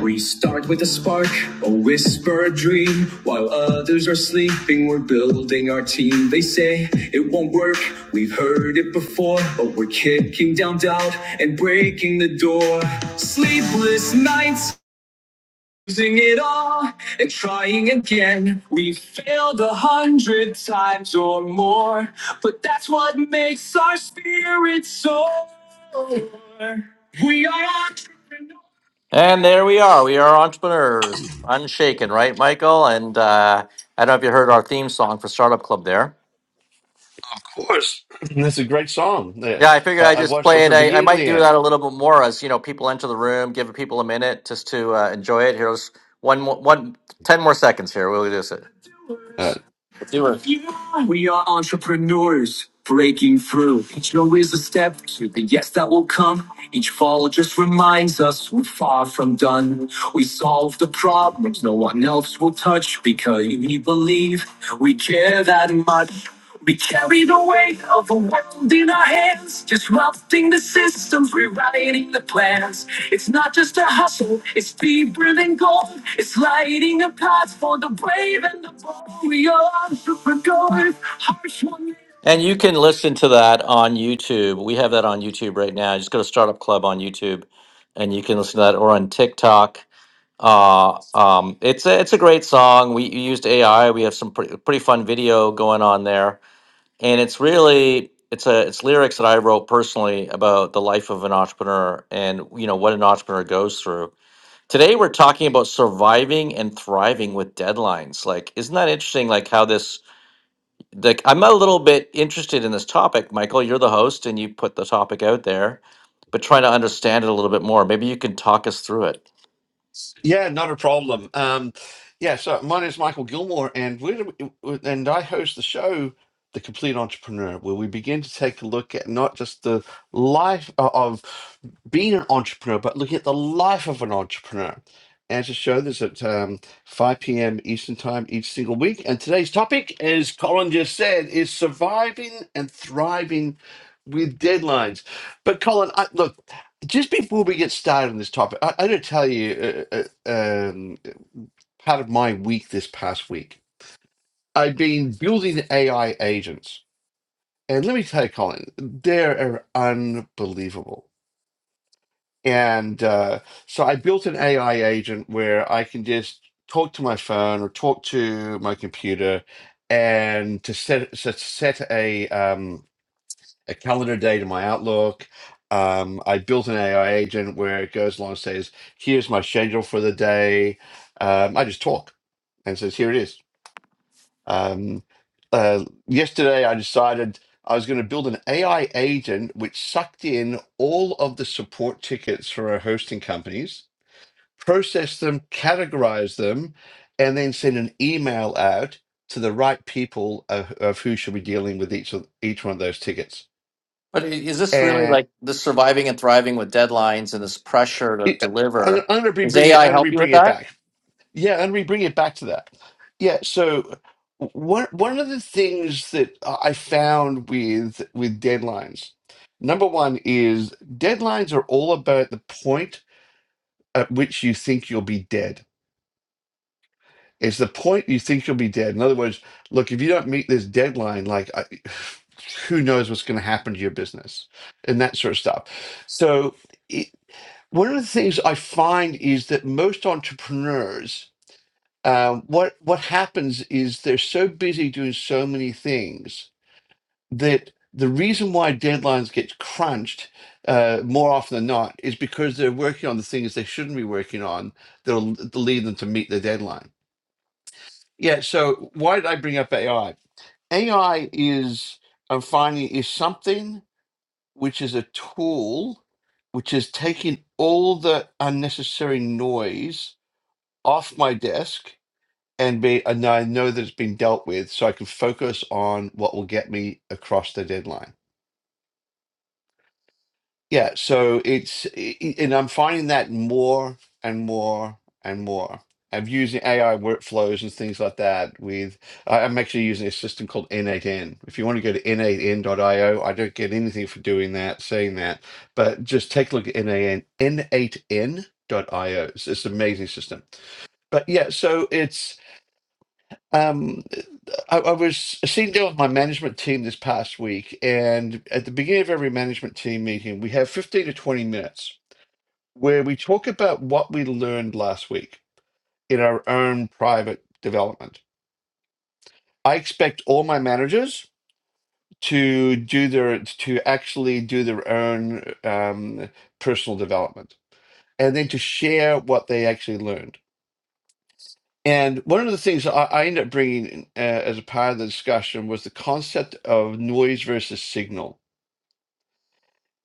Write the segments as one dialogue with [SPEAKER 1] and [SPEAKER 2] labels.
[SPEAKER 1] We start with a spark, a whisper, a dream. While others are sleeping, we're building our team. They say it won't work, we've heard it before, but we're kicking down doubt and breaking the door. Sleepless nights, losing it all and trying again. We have failed a hundred times or more, but that's what makes our spirit soar. We are entrepreneurs. And there we are. We are entrepreneurs, unshaken, right, Michael? And uh, I don't know if you heard our theme song for Startup Club there.
[SPEAKER 2] course. That's a great song. Yeah.
[SPEAKER 1] Yeah, I figured
[SPEAKER 2] Uh,
[SPEAKER 1] I
[SPEAKER 2] I
[SPEAKER 1] just
[SPEAKER 2] watched it
[SPEAKER 1] play it.
[SPEAKER 2] from
[SPEAKER 1] I, I
[SPEAKER 2] beginning to
[SPEAKER 1] might
[SPEAKER 2] the
[SPEAKER 1] do that
[SPEAKER 2] end.
[SPEAKER 1] a little bit more as you know people enter the room, give people a minute just to uh, enjoy it. Here's one, mo- one, ten more seconds here. We'll do it.
[SPEAKER 2] Uh,
[SPEAKER 1] Do it. We are entrepreneurs breaking through. Each no is a step to the yes that will come. Each fall just reminds us we're far from done. We solve the problems no one else will touch because we believe we care that much. We carry the weight of the world in our hands, disrupting the systems, rewriting the plans. It's not just a hustle, it's deeper than gold. It's lighting a path for the brave and the bold. We are entrepreneurs, harsh one. And you can listen to that on YouTube. We have that on YouTube right now. Just go to Startup Club on YouTube, and you can listen to that or on TikTok. Uh, um, it's a, it's a great song. We used AI. We have some pretty, pretty fun video going on there and it's really it's a it's lyrics that I wrote personally about the life of an entrepreneur and you know what an entrepreneur goes through. Today we're talking about surviving and thriving with deadlines. Like, isn't that interesting? Like how this like I'm a little bit interested in this topic, Michael. You're the host and you put the topic out there, but trying to understand it a little bit more. Maybe you can talk us through it.
[SPEAKER 2] Yeah, not a problem. Um, yeah, so my name is Michael Gilmore, and we're and I host the show, The Complete Entrepreneur, where we begin to take a look at not just the life o- of being an entrepreneur, but looking at the life of an entrepreneur. And to show this at um, 5 p.m. Eastern Time each single week. And today's topic, as Colin just said, is surviving and thriving with deadlines. But Colin, I, look just before we get started on this topic, I, I gotta tell you, uh, uh, um, part of my week this past week, I've been building AI agents, and let me tell you, Colin, they are unbelievable. And uh, so I built an AI agent where I can just talk to my phone or talk to my computer, and to set set, set a um, a calendar date in my Outlook. Um, I built an AI agent where it goes along and says, "Here's my schedule for the day." Um, I just talk and it says, "Here it is." Um, uh, yesterday, I decided I was going to build an AI agent which sucked in all of the support tickets for our hosting companies, processed them, categorized them, and then send an email out to the right people of, of who should be dealing with each of each one of those tickets
[SPEAKER 1] But i- is this really like the surviving and thriving with deadlines and this pressure to
[SPEAKER 2] it- I'm,
[SPEAKER 1] deliver?
[SPEAKER 2] I'm going to be
[SPEAKER 1] Does
[SPEAKER 2] bringing it.
[SPEAKER 1] AI
[SPEAKER 2] I'm going
[SPEAKER 1] help
[SPEAKER 2] to be
[SPEAKER 1] you with
[SPEAKER 2] bringing it
[SPEAKER 1] that?
[SPEAKER 2] back. Yeah, I'm going to be bringing it back to that. Yeah. So one one of the things that I found with with deadlines, number one is deadlines are all about the point at which you think you'll be dead. It's the point you think you'll be dead. In other words, look, if you don't meet this deadline, like I, who knows what's going to happen to your business and that sort of stuff. So. one of the things I find is that most entrepreneurs, um, what what happens is they're so busy doing so many things that the reason why deadlines get crunched uh, more often than not is because they're working on the things they shouldn't be working on that'll, that'll lead them to meet the deadline. Yeah. So why did I bring up AI? AI is I'm finding is something which is a tool which is taking all the unnecessary noise off my desk and be and I know that it's been dealt with so I can focus on what will get me across the deadline. Yeah, so it's i- i- and I'm finding that more and more and more. I'm using AI workflows and things like that with I- I'm actually using a system called N8N. If you want to go to n8n.io, I o, I don't get anything for doing that, saying that, but just take a look at N8N, n8n.io. It's, it's an amazing system. But yeah, so it's um. I, I was sitting down with my management team this past week, and at the beginning of every management team meeting, we have 15 to 20 minutes where we talk about what we learned last week in our own private development. I expect all my managers to do their to actually do their own um, personal development and then to share what they actually learned. And one of the things I, I ended up bringing uh, as a part of the discussion was the concept of noise versus signal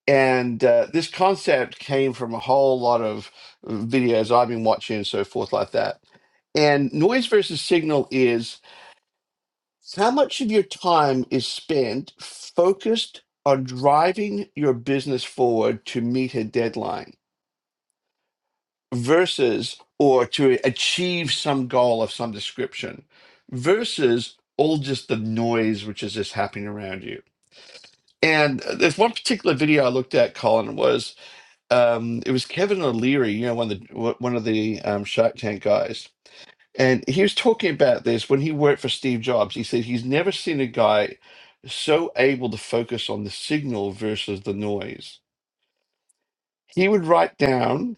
[SPEAKER 2] and uh, this concept came from a whole lot of videos I've been watching and so forth like that. And noise versus signal is how much of your time is spent focused on driving your business forward to meet a deadline versus or to achieve some goal of some description versus all just the noise which is just happening around you. And uh, there's one particular video I looked at, Colin, was um, it was Kevin O'Leary, you know, one of the one of the um, Shark Tank guys, and he was talking about this when he worked for Steve Jobs. He said he's never seen a guy so able to focus on the signal versus the noise. He would write down,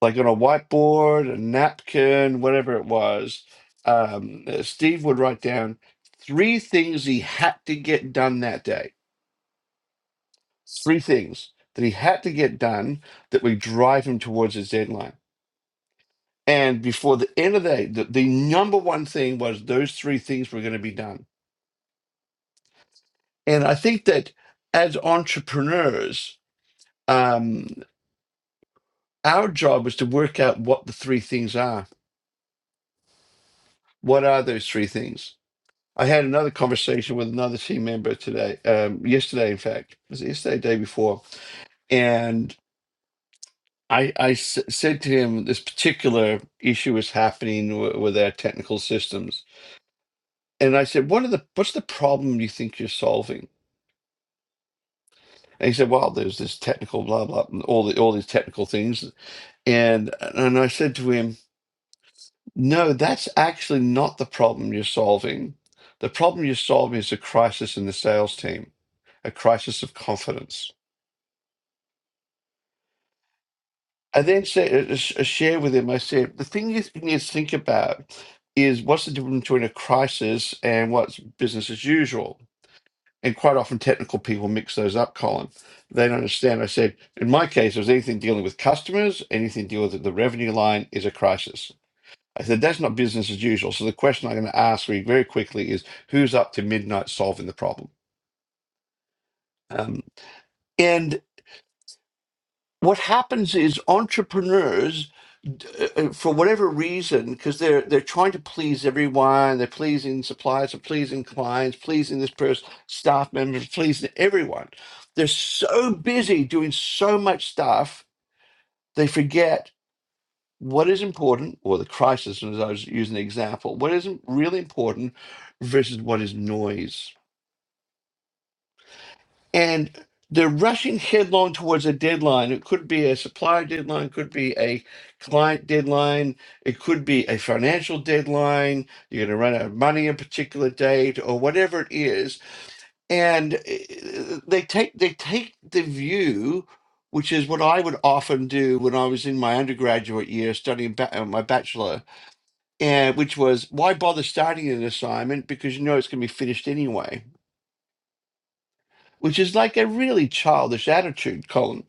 [SPEAKER 2] like on a whiteboard, a napkin, whatever it was. Um, uh, Steve would write down three things he had to get done that day. Three things that he had to get done that would drive him towards his deadline And before the end of the day, the, the number one thing was those three things were going to be done. And I think that as entrepreneurs, um, our job is to work out what the three things are. What are those three things? I had another conversation with another team member today, um, yesterday, in fact, was it yesterday, day before. And I, I s- said to him, this particular issue is happening w- with our technical systems. And I said, what are the, what's the problem you think you're solving? And he said, "Wow, there's this technical blah blah, and all the all these technical things." And and I said to him, "No, that's actually not the problem you're solving. The problem you're solving is a crisis in the sales team, a crisis of confidence." I then said, uh, uh, sh- uh, share with him. I said, "The thing you th- need to think about is what's the difference between a crisis and what's business as usual." And quite often, technical people mix those up, Colin. They don't understand. I said, in my case, it was anything dealing with customers, anything dealing with the revenue line is a crisis. I said, that's not business as usual. So the question I'm going to ask you very quickly is who's up to midnight solving the problem? Um, and what happens is entrepreneurs d- uh, uh, for whatever reason because they're they're trying to please everyone they're pleasing suppliers they're pleasing clients pleasing this person staff members pleasing everyone they're so busy doing so much stuff they forget what is important or the crisis as i was using the example what isn't really important versus what is noise and they're rushing headlong towards a deadline. It could be a supplier deadline, could be a client deadline, it could be a financial deadline. You're going to run out of money a particular date, or whatever it is. And uh, they take they take the view, which is what I would often do when I was in my undergraduate year studying ba- uh, my bachelor, and which was why bother starting an assignment because you know it's going to be finished anyway which is like a really childish attitude, Colin.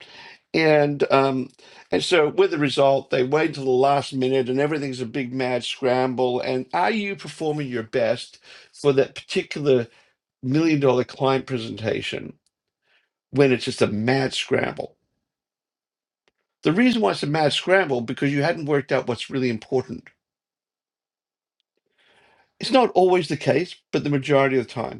[SPEAKER 2] And um, and so with the result, they wait till the last minute, and everything's a big mad scramble. And are you performing your best for that particular million dollar client presentation when it's just a mad scramble? The reason why it's a mad scramble because you hadn't worked out what's really important. It's not always the case, but the majority of the time.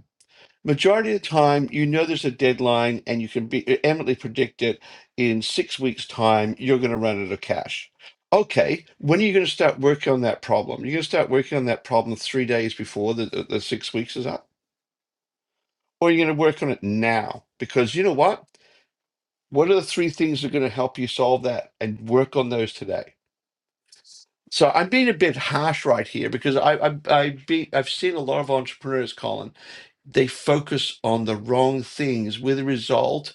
[SPEAKER 2] Majority of the time, you know there's a deadline and you can be uh, eminently predict it in six weeks' time, you're going to run out of cash. Okay, when are you going to start working on that problem? You're going to start working on that problem three days before the, the, the six weeks is up? Or you're going to work on it now? Because you know what? What are the three things that are going to help you solve that and work on those today? So I'm being a bit harsh right here because I, I, I be, I've seen a lot of entrepreneurs, Colin, they focus on the wrong things with the result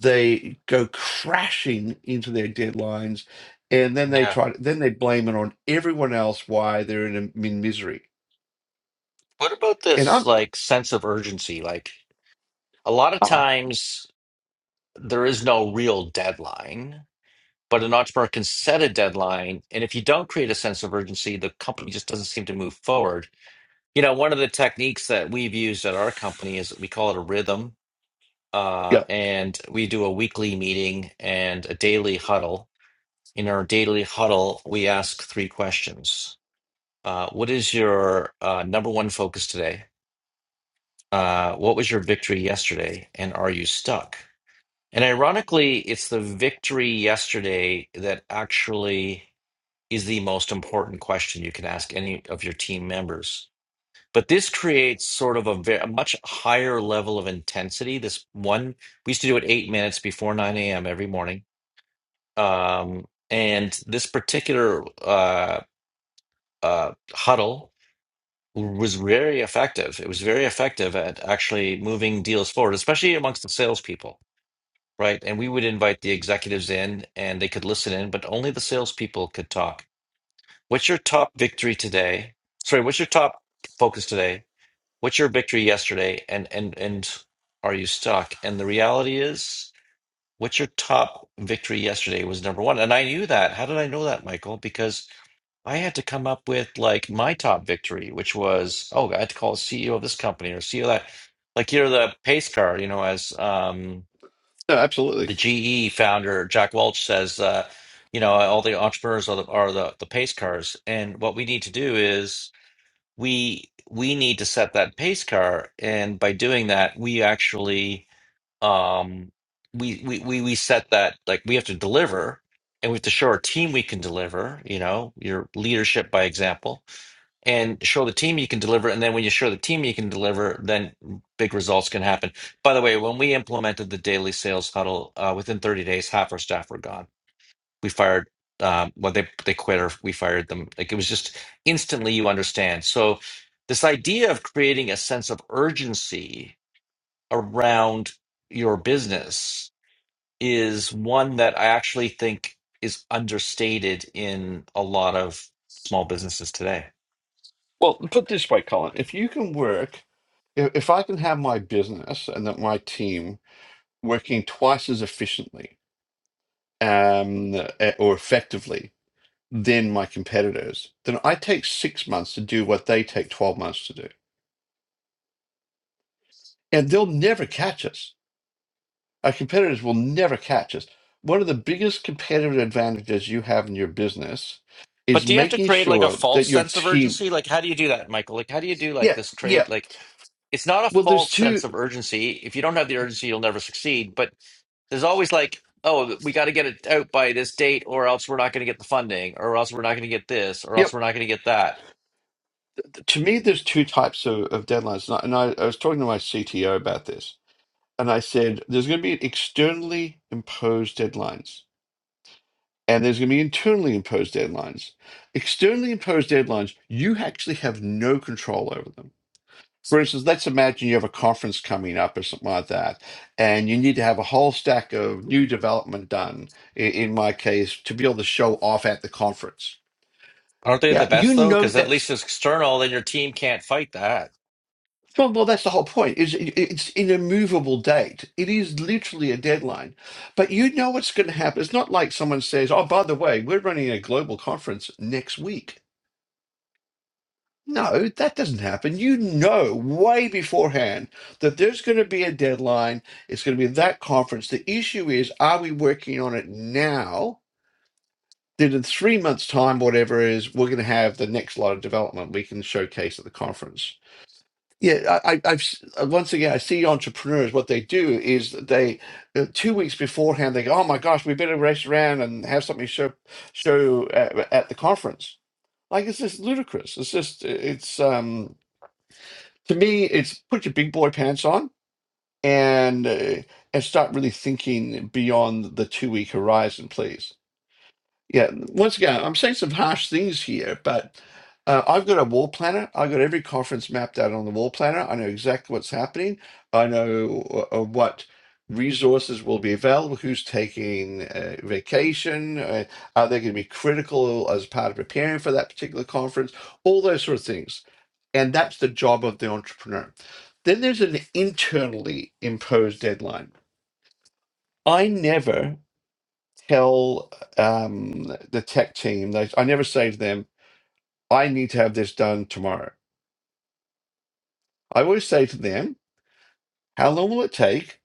[SPEAKER 2] they go crashing into their deadlines and then they
[SPEAKER 1] Yeah.
[SPEAKER 2] try then they blame it on everyone else why they're in, a, in misery
[SPEAKER 1] What about
[SPEAKER 2] and
[SPEAKER 1] this
[SPEAKER 2] i'm
[SPEAKER 1] like sense of urgency? Like a lot of
[SPEAKER 2] oh
[SPEAKER 1] times there is no real deadline, but an entrepreneur can set a deadline, and if you don't create a sense of urgency, the company just doesn't seem to move forward. You know, one of the techniques that we've used at our company is we call it a rhythm. Uh,
[SPEAKER 2] yeah
[SPEAKER 1] and we do a weekly meeting and a daily huddle. In our daily huddle, we ask three questions. Uh, what is your uh, number one focus today? Uh, what was your victory yesterday? And are you stuck? And ironically, it's the victory yesterday that actually is the most important question you can ask any of your team members But this creates sort of a, ve- a much higher level of intensity. This one, we used to do it eight minutes before 9 a.m. every morning. Um, and this particular uh, uh, huddle was very effective. It was very effective at actually moving deals forward, especially amongst the salespeople, right? And we would invite the executives in and they could listen in, but only the salespeople could talk. What's your top victory today? Sorry, what's your top focus today? what's your victory yesterday and and and are you stuck and the reality is what's your top victory yesterday was number one and i knew that how did i know that michael because i had to come up with like my top victory which was oh i had to call the ceo of this company or ceo of that like you're the pace car you know as um
[SPEAKER 2] no, absolutely
[SPEAKER 1] the ge founder jack welch says uh you know all the entrepreneurs are the, are the, the pace cars and what we need to do is we we need to set that pace car and by doing that we actually um we we we, we set that like we have to deliver and we have to show our team we can deliver you know your leadership by example and show the team you can deliver and then when you show the team you can deliver then big results can happen by the way when we implemented the daily sales huddle uh, within 30 days half our staff were gone we fired um well they they quit or we fired them like it was just instantly you understand so this idea of creating a sense of urgency around your business is one that i actually think is understated in a lot of small businesses today
[SPEAKER 2] well put it this way colin if you can work if, if i can have my business and that my team working twice as efficiently um, eh, or effectively than my competitors then i take six months to do what they take 12 months to do and they'll never catch us Our competitors will never catch us. One of the biggest competitive advantages you have in your business
[SPEAKER 1] But
[SPEAKER 2] is
[SPEAKER 1] do you have to
[SPEAKER 2] making
[SPEAKER 1] create like a
[SPEAKER 2] sure
[SPEAKER 1] false
[SPEAKER 2] that your
[SPEAKER 1] sense of
[SPEAKER 2] team.
[SPEAKER 1] urgency? Like, how do you do that, Michael? Like, how do you do like
[SPEAKER 2] Yeah,
[SPEAKER 1] this create?
[SPEAKER 2] yeah.
[SPEAKER 1] Like, it's not a
[SPEAKER 2] Well, there's
[SPEAKER 1] false
[SPEAKER 2] two.
[SPEAKER 1] sense of urgency. If you don't have the urgency, you'll never succeed. But there's always like, oh, we got to get it out by this date, or else we're not going to get the funding, or else we're not going to get this, or else
[SPEAKER 2] Yep.
[SPEAKER 1] we're not going to get that.
[SPEAKER 2] To me, there's two types of, of deadlines. And, I, and I, I was talking to my CTO about this. And I said, there's going to be externally imposed deadlines, and there's going to be internally imposed deadlines. Externally imposed deadlines, you actually have no control over them For instance, let's imagine you have a conference coming up or something like that, and you need to have a whole stack of new development done, i- in my case, to be able to show off at the conference.
[SPEAKER 1] Aren't they the
[SPEAKER 2] Yeah, you
[SPEAKER 1] best though?
[SPEAKER 2] know
[SPEAKER 1] Because at least
[SPEAKER 2] that's
[SPEAKER 1] it's external, then your team can't fight that.
[SPEAKER 2] well, well that's the whole point. Is it- it's an immovable date. It is literally a deadline. But you know what's going to happen. It's not like someone says, "Oh, by the way, we're running a global conference next week." No, that doesn't happen. You know way beforehand that there's going to be a deadline. It's going to be that conference. The issue is, are we working on it now? Then in three months' time, whatever it is, we're going to have the next lot of development we can showcase at the conference. Yeah, I, I, I've s- uh, once again I see entrepreneurs. What they do is that they uh, two weeks beforehand they go, "Oh my gosh, we better race around and have something show show at, at the conference." Like it's just ludicrous. It's just uh, it's um to me, it's put your big boy pants on and uh, and start really thinking beyond the two week horizon, please. Yeah, once again, I'm saying some harsh things here, but uh, I've got a wall planner. I've got every conference mapped out on the wall planner. I know exactly what's happening. I know uh, uh, what resources will be available, who's taking uh, vacation, uh, are they going to be critical as part of preparing for that particular conference, all those sort of things and that's the job of the entrepreneur. Then there's an internally imposed deadline. I never tell um, the tech team, that I never say to them, I need to have this done tomorrow. I always say to them, how long will it take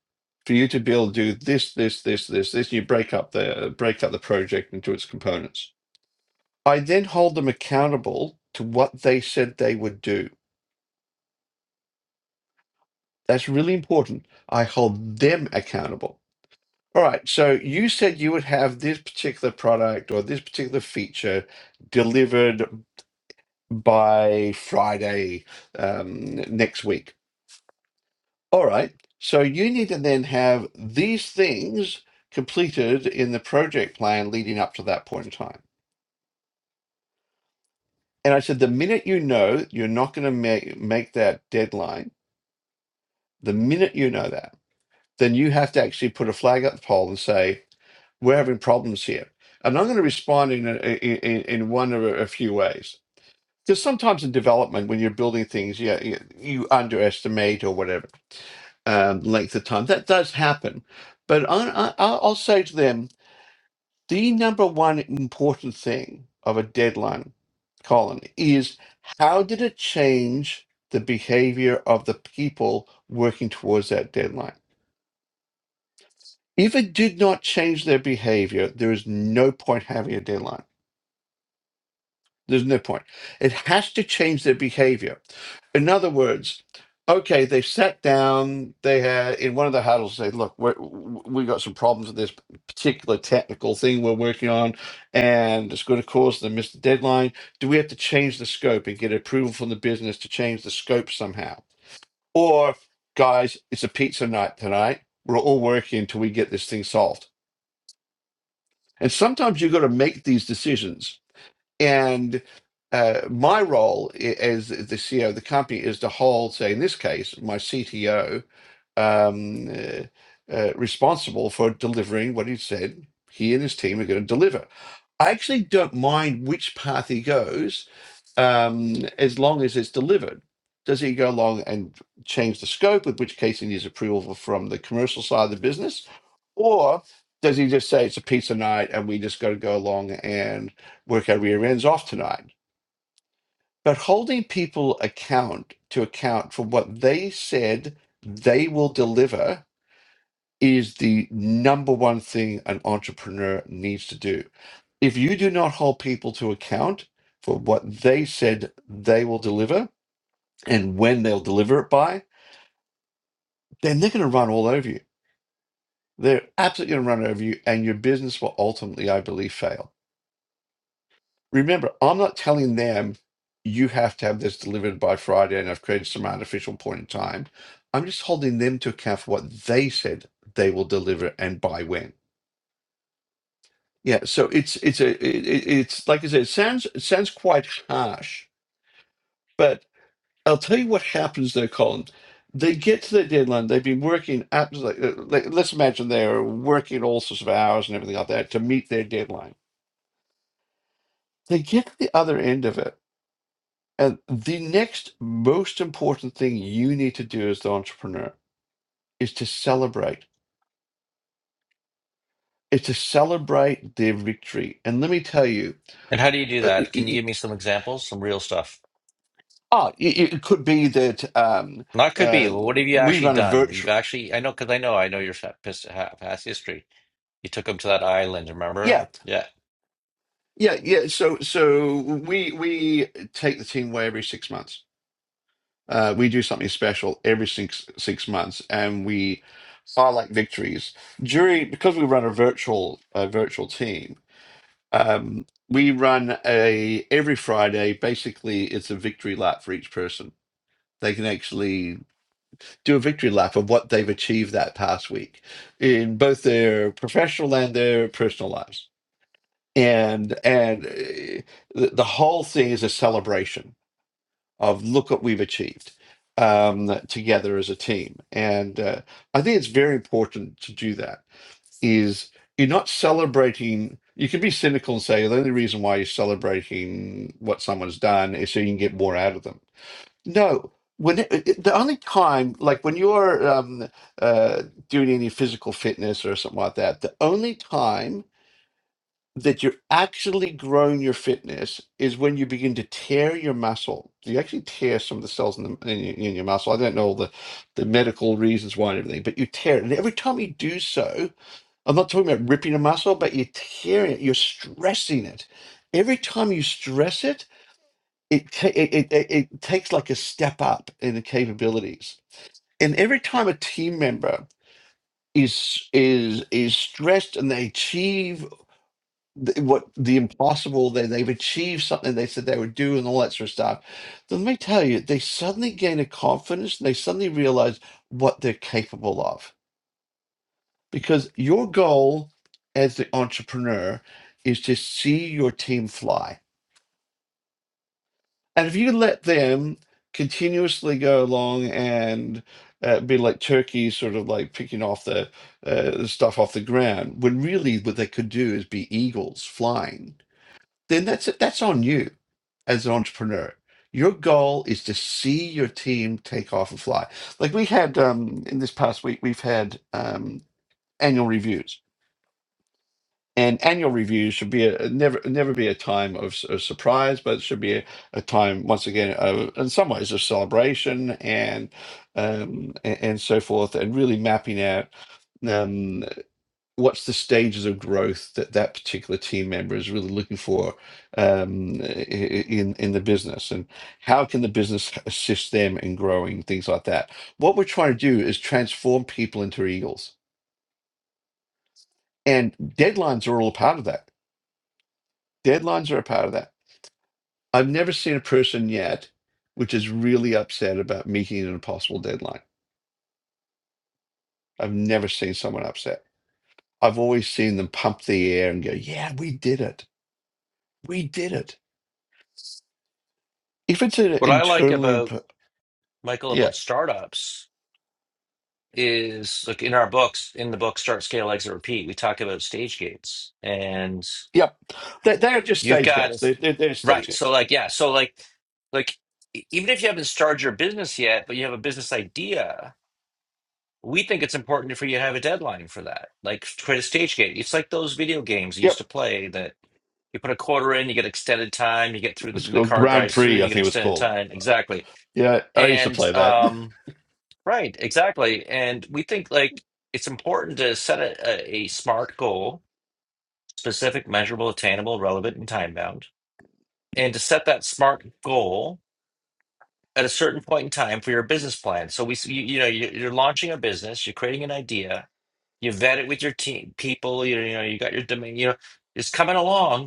[SPEAKER 2] for you to be able to do this, this, this, this, this? You break up the break up the project into its components. I then hold them accountable to what they said they would do. That's really important. I hold them accountable All right, so you said you would have this particular product or this particular feature delivered by Friday um, next week. All right, so you need to then have these things completed in the project plan leading up to that point in time. And I said, the minute you know you're not going to make, make that deadline, the minute you know that, then you have to actually put a flag up the pole and say, we're having problems here. And I'm going to respond in a, in, in one of a, a few ways. Because sometimes in development, when you're building things, yeah, you, you underestimate or whatever um, length of time. That does happen. But I, I, I'll I'll say to them, the number one important thing of a deadline, Colin, is how did it change the behavior of the people working towards that deadline? If it did not change their behavior, there is no point having a deadline There's no point. It has to change their behavior. In other words, okay, they've sat down. They had in one of the huddles. Say, look, we're, we got some problems with this particular technical thing we're working on, and it's going to cause them miss the deadline. Do we have to change the scope and get approval from the business to change the scope somehow? Or, guys, it's a pizza night tonight. We're all working until we get this thing solved. And sometimes you've got to make these decisions and uh, my role i- as the CEO of the company is to hold, say, in this case, my CTO um, uh, uh, responsible for delivering what he said he and his team are going to deliver. I actually don't mind which path he goes um, as long as it's delivered. Does he go along and change the scope, in which case he needs approval from the commercial side of the business? Or does he just say it's a pizza night and we just got to go along and work our rear ends off tonight? But holding people account to account for what they said they will deliver is the number one thing an entrepreneur needs to do. If you do not hold people to account for what they said they will deliver, and when they'll deliver it by, then they're going to run all over you. They're absolutely going to run over you, and your business will ultimately, I believe, fail. Remember, I'm not telling them you have to have this delivered by Friday and I've created some artificial point in time. I'm just holding them to account for what they said they will deliver and by when. Yeah, so it's it's a it, it- it's like I said, it sounds it sounds quite harsh, but. I'll tell you what happens there, Colin. They get to their deadline. They've been working absolutely. Like, uh, like, let's imagine they're working all sorts of hours and everything like that to meet their deadline. They get to the other end of it, and the next most important thing you need to do as the entrepreneur is to celebrate. Is to celebrate their victory. And let me tell you,
[SPEAKER 1] And how do you do
[SPEAKER 2] uh, it,
[SPEAKER 1] that? Can you
[SPEAKER 2] it,
[SPEAKER 1] give me some examples, some real stuff?
[SPEAKER 2] ah, it, it could be that um,
[SPEAKER 1] Not could be.
[SPEAKER 2] uh,
[SPEAKER 1] Well, what have you
[SPEAKER 2] we
[SPEAKER 1] actually
[SPEAKER 2] run a
[SPEAKER 1] done? You've
[SPEAKER 2] virtual.
[SPEAKER 1] actually, I know, because I know, I know your fa- past past history. You took them to that island, remember?
[SPEAKER 2] yeah.
[SPEAKER 1] Yeah.
[SPEAKER 2] Yeah, yeah. So, so we we take the team away every six months. Uh, we do something special every six six months, and we highlight victories during because we run a virtual uh, virtual team. Um, we run a every Friday. Basically, it's a victory lap for each person. They can actually do a victory lap of what they've achieved that past week in both their professional and their personal lives and and uh, the, the whole thing is a celebration of look what we've achieved um, together as a team and uh, i think it's very important to do that is you're not celebrating you can be cynical and say the only reason why you're celebrating what someone's done is so you can get more out of them no when it, it- the only time like when you're um, uh, doing any physical fitness or something like that the only time that you're actually growing your fitness is when you begin to tear your muscle. You actually tear some of the cells in, the, in, your, in your muscle. I don't know all the, the medical reasons why and everything, but you tear it. And every time you do so, I'm not talking about ripping a muscle, but you tear it, you're stressing it. Every time you stress it, it, ta- it, it, it it takes like a step up in the capabilities. And every time a team member is is is stressed and they achieve th- what the impossible they they've achieved something they said they would do and all that sort of stuff then let me tell you they suddenly gain a confidence and they suddenly realize what they're capable of because your goal as the entrepreneur is to see your team fly and if you let them continuously go along and uh, be like turkeys sort of like picking off the uh, stuff off the ground when really what they could do is be eagles flying then that's that's on you as an entrepreneur. Your goal is to see your team take off and fly. Like we had um, in this past week, we've had um, annual reviews, and annual reviews should be a never never be a time of, s- of surprise, but it should be a, a time once again, of, in some ways, of celebration and um, and, and so forth, and really mapping out. Um, what's the stages of growth that that particular team member is really looking for um, i- i- in in the business, and how can the business assist them in growing things like that? What we're trying to do is transform people into eagles, and deadlines are all a part of that. Deadlines are a part of that. I've never seen a person yet which is really upset about meeting an impossible deadline. I've never seen someone upset. I've always seen them pump the air and go, "Yeah, we did it. We did it." if it's an
[SPEAKER 1] What I like
[SPEAKER 2] internally
[SPEAKER 1] about
[SPEAKER 2] imp-
[SPEAKER 1] Michael
[SPEAKER 2] yeah
[SPEAKER 1] about startups is, look, in our books, in the book Start, Scale, Exit, Repeat, we talk about stage gates, and
[SPEAKER 2] yep they're, they're just
[SPEAKER 1] you've
[SPEAKER 2] stage
[SPEAKER 1] got
[SPEAKER 2] gates they're, they're, they're stage
[SPEAKER 1] right. So,
[SPEAKER 2] gates
[SPEAKER 1] like, yeah, so like, like e- even if you haven't started your business yet, but you have a business idea, we think it's important for you to have a deadline for that. Like, create a stage gate. It's like those video games you used
[SPEAKER 2] yep
[SPEAKER 1] to play that. You put a quarter in, you get extended time. You get through the,
[SPEAKER 2] it's
[SPEAKER 1] the
[SPEAKER 2] called
[SPEAKER 1] car
[SPEAKER 2] grand
[SPEAKER 1] drives through,
[SPEAKER 2] prix i
[SPEAKER 1] you get
[SPEAKER 2] think it was
[SPEAKER 1] extended
[SPEAKER 2] called
[SPEAKER 1] time.
[SPEAKER 2] uh,
[SPEAKER 1] Exactly.
[SPEAKER 2] yeah i used to
[SPEAKER 1] And
[SPEAKER 2] play that
[SPEAKER 1] um, right, exactly. And we think like it's important to set a, a, a smart goal, specific, measurable, attainable, relevant, and time bound, and to set that smart goal at a certain point in time for your business plan. So we, s- you, you know, you- you're launching a business, you're creating an idea, you vet it with your team, people, you, you know, you got your domain, you know, it's coming along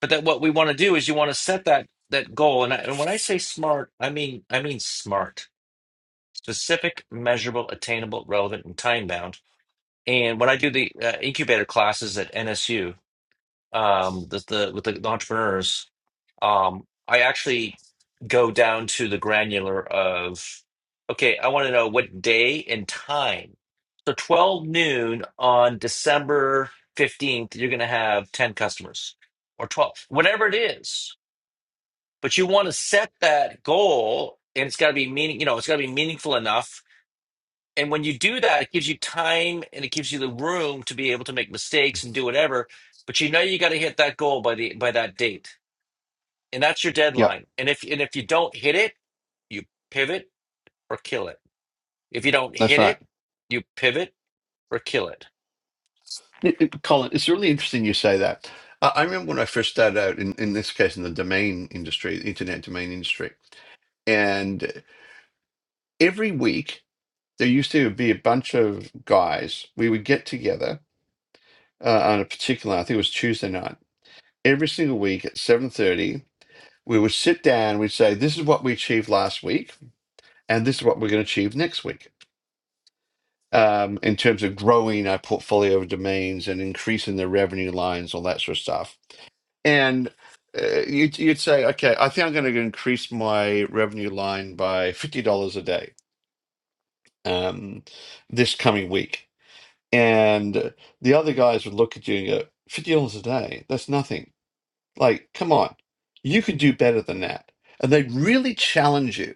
[SPEAKER 1] but that what we want to do is you want to set that that goal and, I, and when i say smart i mean i mean smart specific measurable attainable relevant and time bound and when i do the uh, incubator classes at nsu um the, the with the the entrepreneurs um i actually go down to the granular of okay i want to know what day and time so 12 noon on december 15th you're going to have 10 customers or 12 whatever it is but you want to set that goal and it's got to be meaning you know it's got to be meaningful enough and when you do that it gives you time and it gives you the room to be able to make mistakes and do whatever but you know you got to hit that goal by the by that date and that's your
[SPEAKER 2] yep
[SPEAKER 1] deadline and if and if you don't hit it you pivot or kill it if you don't
[SPEAKER 2] that's
[SPEAKER 1] hit
[SPEAKER 2] right
[SPEAKER 1] it you pivot or kill it
[SPEAKER 2] It- it- colin it's really interesting you say that I, I remember when i first started out in, in this case in the domain industry the internet domain industry and every week there used to be a bunch of guys we would get together uh, on a particular i think it was tuesday night every single week at 7:30 we would sit down, we'd say, this is what we achieved last week, and this is what we're going to achieve next week um, in terms of growing our portfolio of domains and increasing the revenue lines, all that sort of stuff. And uh, you'd, you'd say, okay, I think I'm going to increase my revenue line by $50 a day um, this coming week. And the other guys would look at you and go, $50 a day, that's nothing. Like, come on, you could do better than that. And they would really challenge you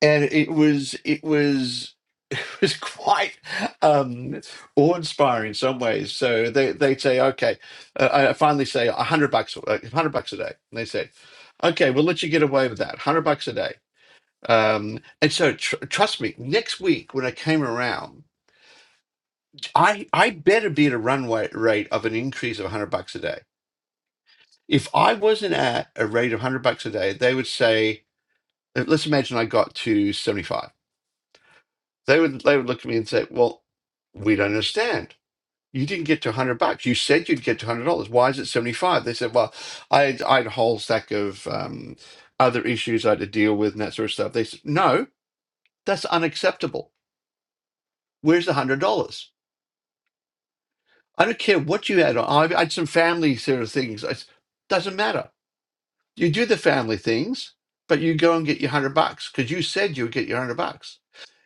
[SPEAKER 2] and it was it was it was quite um awe-inspiring in some ways so they they'd say okay uh, i finally say 100 bucks uh, 100 bucks a day and they say okay we'll let you get away with that 100 bucks a day um and so tr- trust me next week when i came around i i better be at a runway rate of an increase of 100 bucks a day if i wasn't at a rate of 100 bucks a day they would say let's imagine i got to 75 They would they would look at me and say, "Well, we don't understand. You didn't get to 100 bucks. You said you'd get to 100 dollars. Why is it 75?" They said, "Well, I had, I had a whole stack of um, other issues I had to deal with and that sort of stuff." They said, "No, that's unacceptable. Where's the 100 dollars? I don't care what you had. I I had some family sort of things. It doesn't matter. You do the family things." But you go and get your hundred bucks because you said you would get your hundred bucks,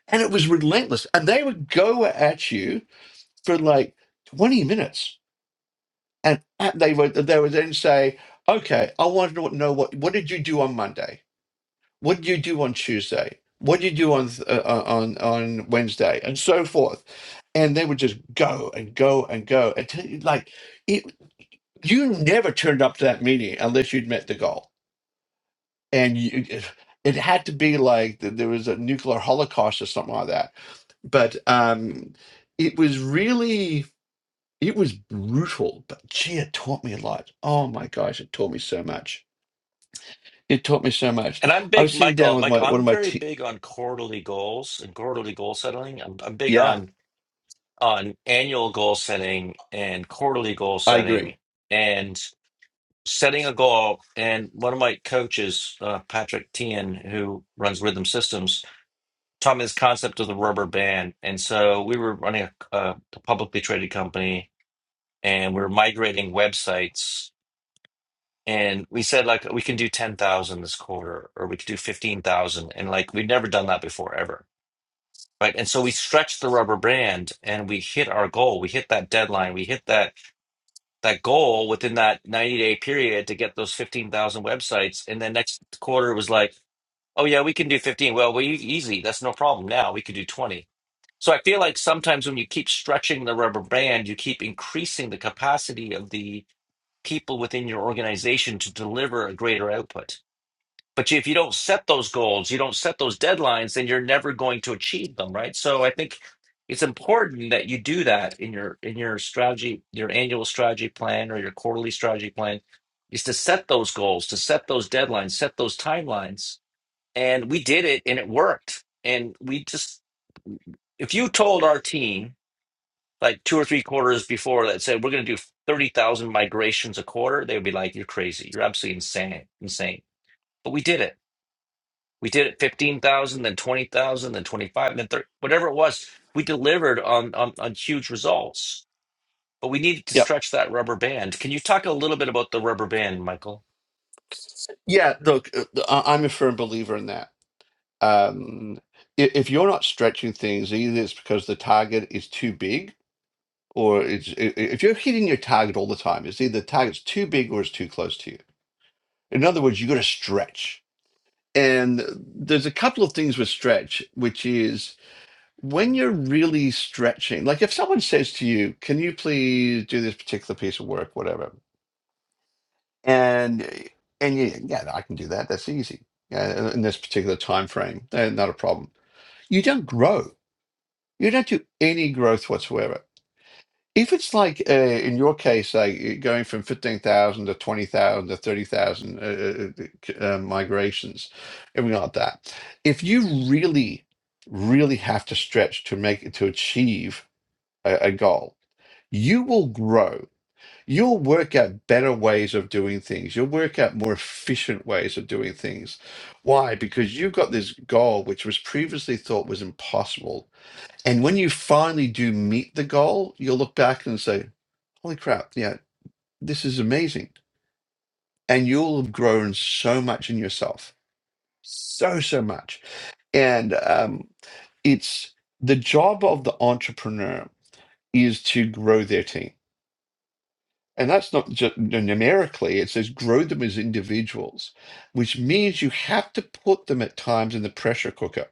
[SPEAKER 2] and it was relentless. And they would go at you for like 20 minutes. And at- they would they would then say, okay, I want to know what what did you do on Monday? What did you do on Tuesday? What did you do on th- uh, uh, on on Wednesday? And so forth. And they would just go and go and go until you- like it, you never turned up to that meeting unless you'd met the goal. And you, it it had to be like th- there was a nuclear holocaust or something like that. But um, it was really It was brutal, but gee, it taught me a lot. Oh my gosh, it taught me so much. It taught me so much.
[SPEAKER 1] and i'm
[SPEAKER 2] I
[SPEAKER 1] big
[SPEAKER 2] was sitting down
[SPEAKER 1] michael
[SPEAKER 2] with
[SPEAKER 1] michael
[SPEAKER 2] my one
[SPEAKER 1] i'm
[SPEAKER 2] of my
[SPEAKER 1] very
[SPEAKER 2] te-
[SPEAKER 1] big on quarterly goals and quarterly goal settling i'm, I'm big
[SPEAKER 2] yeah,
[SPEAKER 1] on on annual goal setting and quarterly goal
[SPEAKER 2] I agree.
[SPEAKER 1] setting and setting a goal. And one of my coaches, uh, Patrick Tian, who runs Rhythm Systems, taught me this concept of the rubber band. And so we were running a, a publicly traded company and we were migrating websites. And we said, like, we can do 10,000 this quarter or we could do 15,000. And like, we'd never done that before ever. Right. And so we stretched the rubber band and we hit our goal. We hit that deadline. We hit that that goal within that 90 day period to get those 15,000 websites. And then next quarter was like, oh, yeah, we can do 15. Well, we easy. That's no problem now. We could do 20. So I feel like sometimes when you keep stretching the rubber band, you keep increasing the capacity of the people within your organization to deliver a greater output. But if you don't set those goals, you don't set those deadlines, then you're never going to achieve them, right? So I think it's important that you do that in your in your strategy, your annual strategy plan or your quarterly strategy plan is to set those goals, to set those deadlines, set those timelines. And we did it and it worked. And we just if you told our team like two or three quarters before that said we're going to do 30,000 migrations a quarter, they would be like you're crazy. You're absolutely insane, insane. But we did it we did it 15,000, then 20,000, then 25, then 30, whatever it was. We delivered on, on on huge results, but we needed to
[SPEAKER 2] Yep,
[SPEAKER 1] stretch that rubber band. Can you talk a little bit about the rubber band, Michael?
[SPEAKER 2] yeah. Look, uh, I- I'm a firm believer in that. Um, i- if you're not stretching things, either it's because the target is too big, or it's i- i- if you're hitting your target all the time, it's either the target's too big or it's too close to you. In other words, you got to stretch. And uh, there's a couple of things with stretch, which is when you're really stretching, like if someone says to you, "Can you please do this particular piece of work, whatever," and and you, yeah, no, I can do that. That's easy. Yeah, in this particular time frame, eh, not a problem. You don't grow. You don't do any growth whatsoever. If it's like uh, in your case, like eh, going from fifteen thousand to twenty thousand to thirty thousand uh, uh, uh, c- uh, migrations, everything like that. If you really, really have to stretch to make it to achieve a, a goal, you will grow. You'll work out better ways of doing things. You'll work out more efficient ways of doing things. Why? Because you've got this goal which was previously thought was impossible. And when you finally do meet the goal, you'll look back and say, holy crap, yeah, this is amazing. And you'll have grown so much in yourself. So, so much. And um, it's the job of the entrepreneur is to grow their team And that's not just numerically, it says grow them as individuals, which means you have to put them at times in the pressure cooker.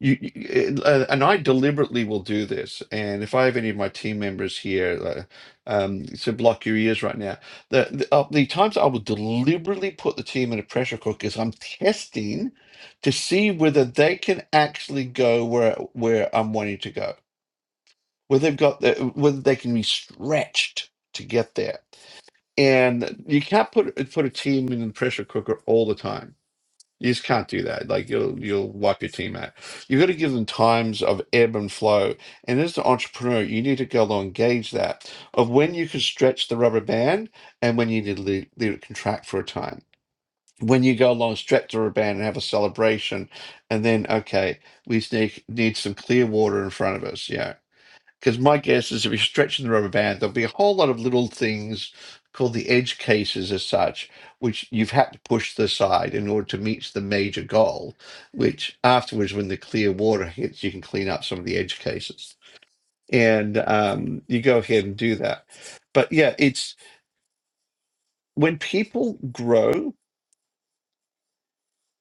[SPEAKER 2] You, you- uh, and I deliberately will do this. And if I have any of my team members here, uh, um, so block your ears right now. The the, uh, the times I will deliberately put the team in a pressure cooker is I'm testing to see whether they can actually go where where I'm wanting to go, whether they've got the, whether they can be stretched to get there and you can't put put a team in the pressure cooker all the time. You just can't do that. Like you'll you'll wipe your team out. You've got to give them times of ebb and flow. And as an entrepreneur, you need to go along gauge that of when you can stretch the rubber band and when you need to leave, leave it contract for a time. When you go along, stretch the rubber band and have a celebration, and then okay, we just need, need some clear water in front of us. Yeah, because my guess is if you're stretching the rubber band, there'll be a whole lot of little things called the edge cases as such, which you've had to push to the side in order to meet the major goal, which afterwards, when the clear water hits, you can clean up some of the edge cases. And um, you go ahead and do that. But yeah, it's when people grow,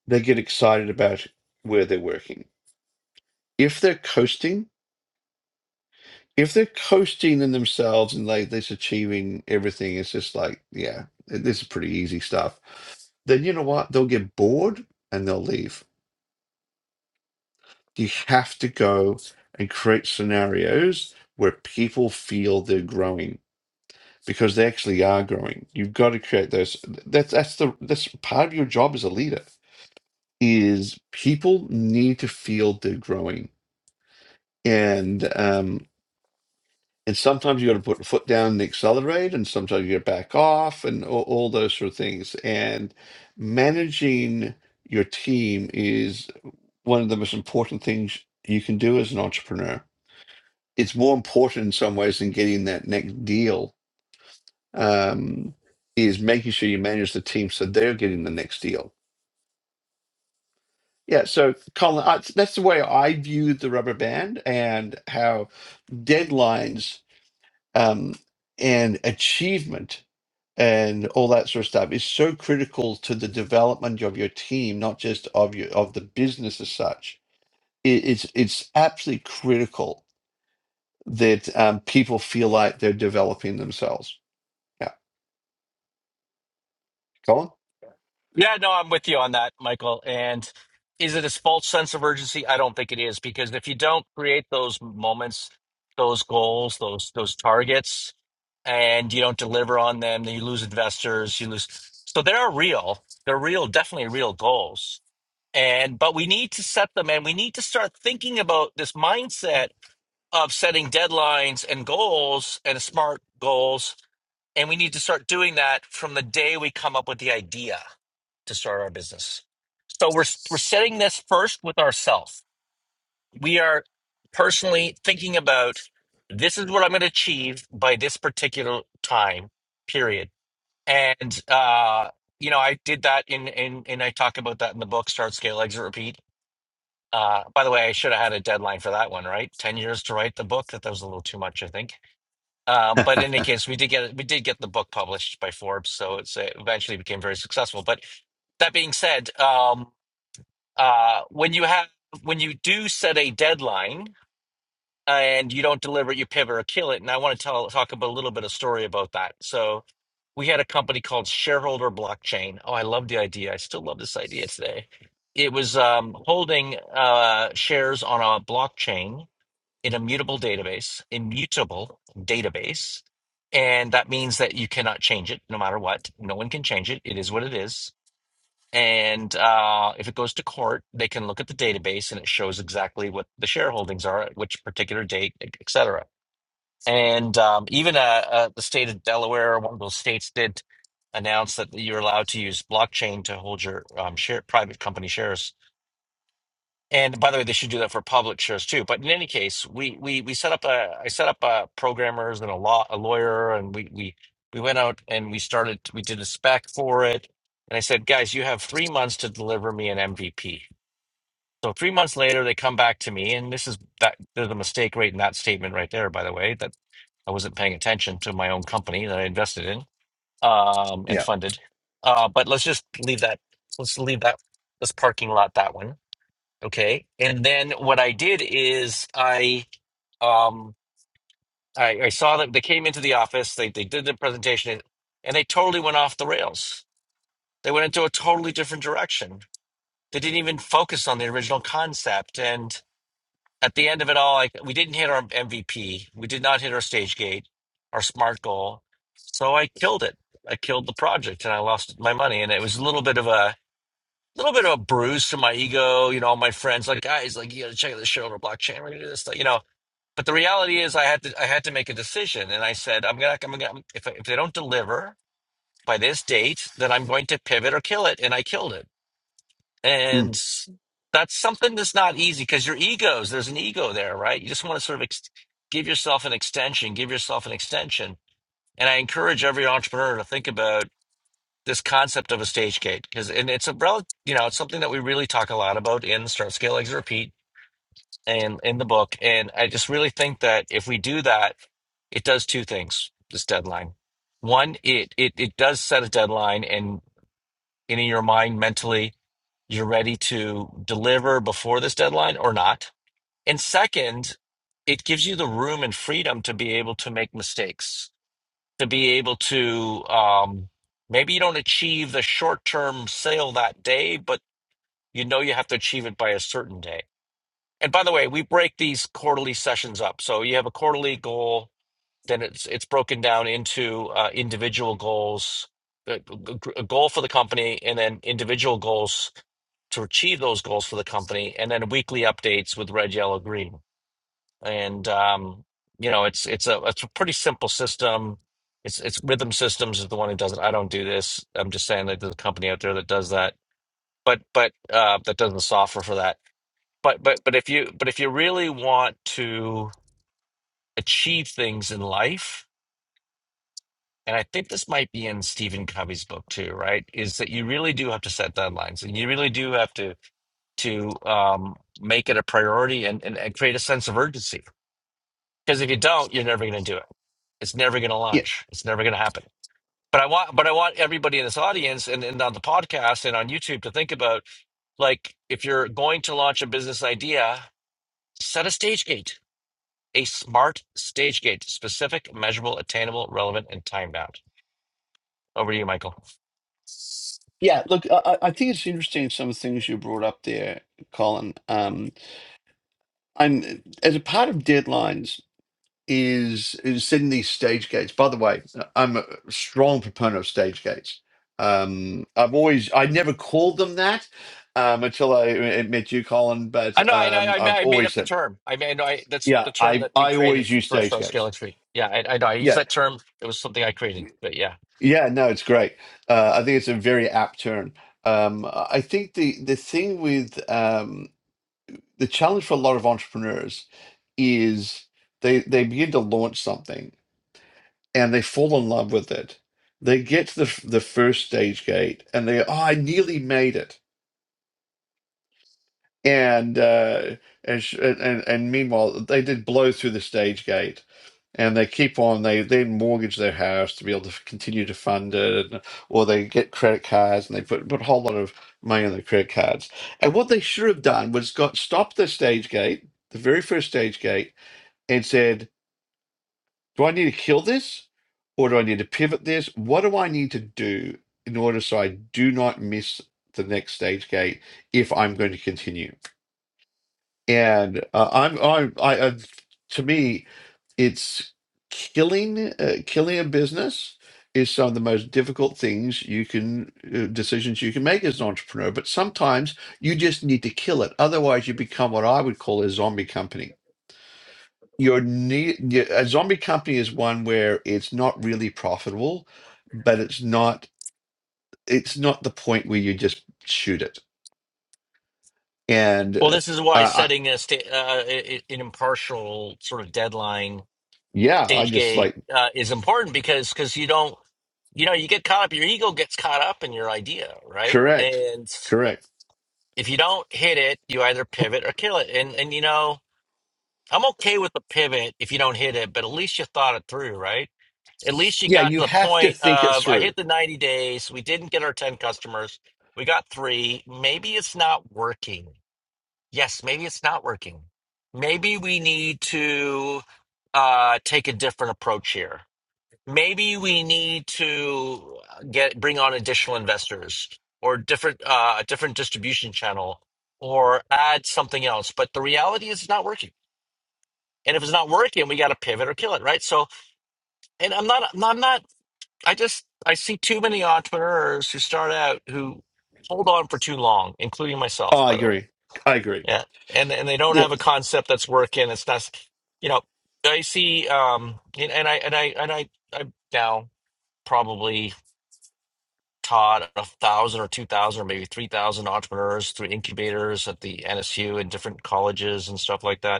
[SPEAKER 2] they get excited about where they're working. If they're coasting, if they're coasting in themselves and like this achieving everything, it's just like, yeah, this is pretty easy stuff. Then you know what? They'll get bored and they'll leave. You have to go and create scenarios where people feel they're growing because they actually are growing. You've got to create those. That's that's the that's part of your job as a leader is people need to feel they're growing. And um, And sometimes you got to put the foot down and accelerate, and sometimes you got to back off, and all, all those sort of things. And managing your team is one of the most important things you can do as an entrepreneur. It's more important in some ways than getting that next deal. Um, is making sure you manage the team so they're getting the next deal. Yeah, so Colin, I, that's the way I view the rubber band and how deadlines um, and achievement and all that sort of stuff is so critical to the development of your team, not just of your of the business as such. It, it's it's absolutely critical that um, people feel like they're developing themselves. Yeah, go
[SPEAKER 1] Yeah, no, I'm with you on that, Michael. And is it a false sense of urgency? I don't think it is because if you don't create those moments, those goals, those those targets, and you don't deliver on them, then you lose investors, you lose. So they are real. They're real, definitely real goals. And but we need to set them and we need to start thinking about this mindset of setting deadlines and goals and smart goals. And we need to start doing that from the day we come up with the idea to start our business. So we're we're setting this first with ourselves. We are personally thinking about this is what I'm going to achieve by this particular time period. And uh, you know, I did that in in and I talk about that in the book Start Scale Exit Repeat uh, by the way, I should have had a deadline for that one, right? Ten years to write the book. That, that was a little too much, I think. Um,
[SPEAKER 2] on.
[SPEAKER 1] but in any case, we did get we did get the book published by Forbes, so it's, it eventually became very successful. But that being said, um, uh, when you have when you do set a deadline and you don't deliver it, you pivot or kill it. And I want to tell talk about a little bit of story about that. So we had a company called Shareholder Blockchain. Oh, I love the idea. I still love this idea today. It was um, holding uh, shares on a blockchain in a mutable database, immutable database. And that means that you cannot change it no matter what. No one can change it. It is what it is. And uh, if it goes to court, they can look at the database and it shows exactly what the shareholdings are at which particular date, etc. And um, even uh, uh, the state of Delaware, one of those states, did announce that you're allowed to use blockchain to hold your um, share, private company shares. And by the way, they should do that for public shares too. But in any case, we we we set up a I set up uh programmers and a law a lawyer, and we we we went out and we started we did a spec for it. And I said, guys, you have three months to deliver me an MVP. So three months later, they come back to me, and this is that there's a mistake right in that statement right there, by the way. I wasn't paying attention to my own company that I invested in um, and
[SPEAKER 2] Yeah.
[SPEAKER 1] funded. Uh, but let's just leave that. Let's leave that. This parking lot. That one. Okay. And then what I did is I um, I, I saw that They came into the office. They they did the presentation, and they totally went off the rails. They went into a totally different direction. They didn't even focus on the original concept, and. at the end of it all, like we didn't hit our MVP, we did not hit our stage gate, our smart goal. So I killed it. I killed the project, and I lost my money. And it was a little bit of a little bit of a bruise to my ego. You know, all my friends like guys, like you got to check out this shit over blockchain. We're gonna do this, stuff, you know. But the reality is, I had to I had to make a decision, and I said, I'm gonna I'm gonna if if they don't deliver by this date, then I'm going to pivot or kill it, and I killed it
[SPEAKER 2] Mm.
[SPEAKER 1] and that's something that's not easy because your egos, there's an ego there, right? You just want to sort of ex- give yourself an extension, give yourself an extension. And I encourage every entrepreneur to think about this concept of a stage gate because, and it's a rel, you know, it's something that we really talk a lot about in Start Scale Exit Repeat and in the book. And I just really think that if we do that, it does two things. This deadline, one, it it it does set a deadline, and in your mind mentally you're ready to deliver before this deadline or not. And second, it gives you the room and freedom to be able to make mistakes, to be able to um, maybe you don't achieve the short term sale that day, but you know you have to achieve it by a certain day. And by the way, we break these quarterly sessions up. So you have a quarterly goal, then it's it's broken down into uh, individual goals, a a- a goal for the company, and then individual goals to achieve those goals for the company, and then weekly updates with red, yellow, green. And um, you know, it's it's a it's a pretty simple system. It's it's Rhythm Systems is the one who does it. I don't do this. I'm just saying that there's a company out there that does that, but but uh, that does the software for that. But but but if you but if you really want to achieve things in life, and I think this might be in Stephen Covey's book too, right? Is that you really do have to set deadlines, and you really do have to to um, make it a priority and, and, and create a sense of urgency. Because if you don't, you're never going to do it. It's never going to
[SPEAKER 2] Yeah.
[SPEAKER 1] launch. It's never going to happen. But I want, but I want everybody in this audience and, and on the podcast and on YouTube to think about like if you're going to launch a business idea, set a stage gate, a smart stage gate, specific, measurable, attainable, relevant, and timed out. Over to you, Michael.
[SPEAKER 2] Yeah. Look, I, I I think it's interesting some of the things you brought up there, Colin. Um, I'm as a part of deadlines. is is setting these stage gates. By the way, I'm a strong proponent of stage gates. Um, I've always I never called them that um, until I uh, met you, Colin. But
[SPEAKER 1] I know, I know,
[SPEAKER 2] um, I've
[SPEAKER 1] I, I made
[SPEAKER 2] always
[SPEAKER 1] up the
[SPEAKER 2] said,
[SPEAKER 1] term. I mean, I know I, that's
[SPEAKER 2] yeah,
[SPEAKER 1] the term
[SPEAKER 2] I
[SPEAKER 1] that we
[SPEAKER 2] I
[SPEAKER 1] created
[SPEAKER 2] always
[SPEAKER 1] f-
[SPEAKER 2] use
[SPEAKER 1] for
[SPEAKER 2] stage
[SPEAKER 1] Star Scale
[SPEAKER 2] gates.
[SPEAKER 1] x P. Yeah, I, I know. I use
[SPEAKER 2] Yeah,
[SPEAKER 1] that term. It was something I created, but yeah.
[SPEAKER 2] yeah, no, it's great. Uh, I think it's a very apt term. Um, I think the the thing with um, the challenge for a lot of entrepreneurs is they they begin to launch something and they fall in love with it. They get to the f- the first stage gate, and they oh, I nearly made it. And uh, and, sh- and and and meanwhile, they did blow through the stage gate, and they keep on. They then mortgage their house to be able to f- continue to fund it, and, or they get credit cards and they put put a whole lot of money on their credit cards. And what they should have done was got stopped the stage gate, the very first stage gate, and said. Do I need to kill this? Or do I need to pivot this? What do I need to do in order so I do not miss the next stage gate if I'm going to continue? And uh, I'm, I'm, I, I, to me, it's killing, uh, killing a business is some of the most difficult things you can, uh, decisions you can make as an entrepreneur. But sometimes you just need to kill it. Otherwise, you become what I would call a zombie company your need your, a zombie company is one where it's not really profitable but it's not it's not the point where you just shoot it and
[SPEAKER 1] Well,
[SPEAKER 2] uh,
[SPEAKER 1] this is
[SPEAKER 2] I,
[SPEAKER 1] why
[SPEAKER 2] I
[SPEAKER 1] setting a sta- uh, a- a- an impartial sort of deadline,
[SPEAKER 2] yeah i
[SPEAKER 1] stage
[SPEAKER 2] just
[SPEAKER 1] gate,
[SPEAKER 2] like
[SPEAKER 1] uh, is important because because you don't, you know, you get caught up. Your ego gets caught up in your idea, right?
[SPEAKER 2] correct
[SPEAKER 1] And
[SPEAKER 2] correct
[SPEAKER 1] if you don't hit it, you either pivot or kill it. And and you know, I'm okay with the pivot if you don't hit it, but at least you thought it through, right? At least she
[SPEAKER 2] yeah
[SPEAKER 1] got
[SPEAKER 2] you
[SPEAKER 1] to the
[SPEAKER 2] have to
[SPEAKER 1] point
[SPEAKER 2] think it
[SPEAKER 1] of I
[SPEAKER 2] through
[SPEAKER 1] hit the 90 days. We didn't get our 10 customers. We got three. Maybe it's not working. Yes, maybe it's not working. Maybe we need to uh, take a different approach here. Maybe we need to uh, get bring on additional investors or different uh, a different distribution channel or add something else. But the reality is, it's not working. And if it's not working, we got to pivot or kill it, right? So, and I'm not, I'm not I just I see too many entrepreneurs who start out who hold on for too long, including myself,
[SPEAKER 2] oh, i
[SPEAKER 1] by the way.
[SPEAKER 2] agree i agree
[SPEAKER 1] Yeah, and and they don't
[SPEAKER 2] yeah
[SPEAKER 1] have a concept that's working. It's not, you know, I see, um, and, and I and I and I I've now probably taught a thousand or two thousand or maybe three thousand entrepreneurs through incubators at the NSU and different colleges and stuff like that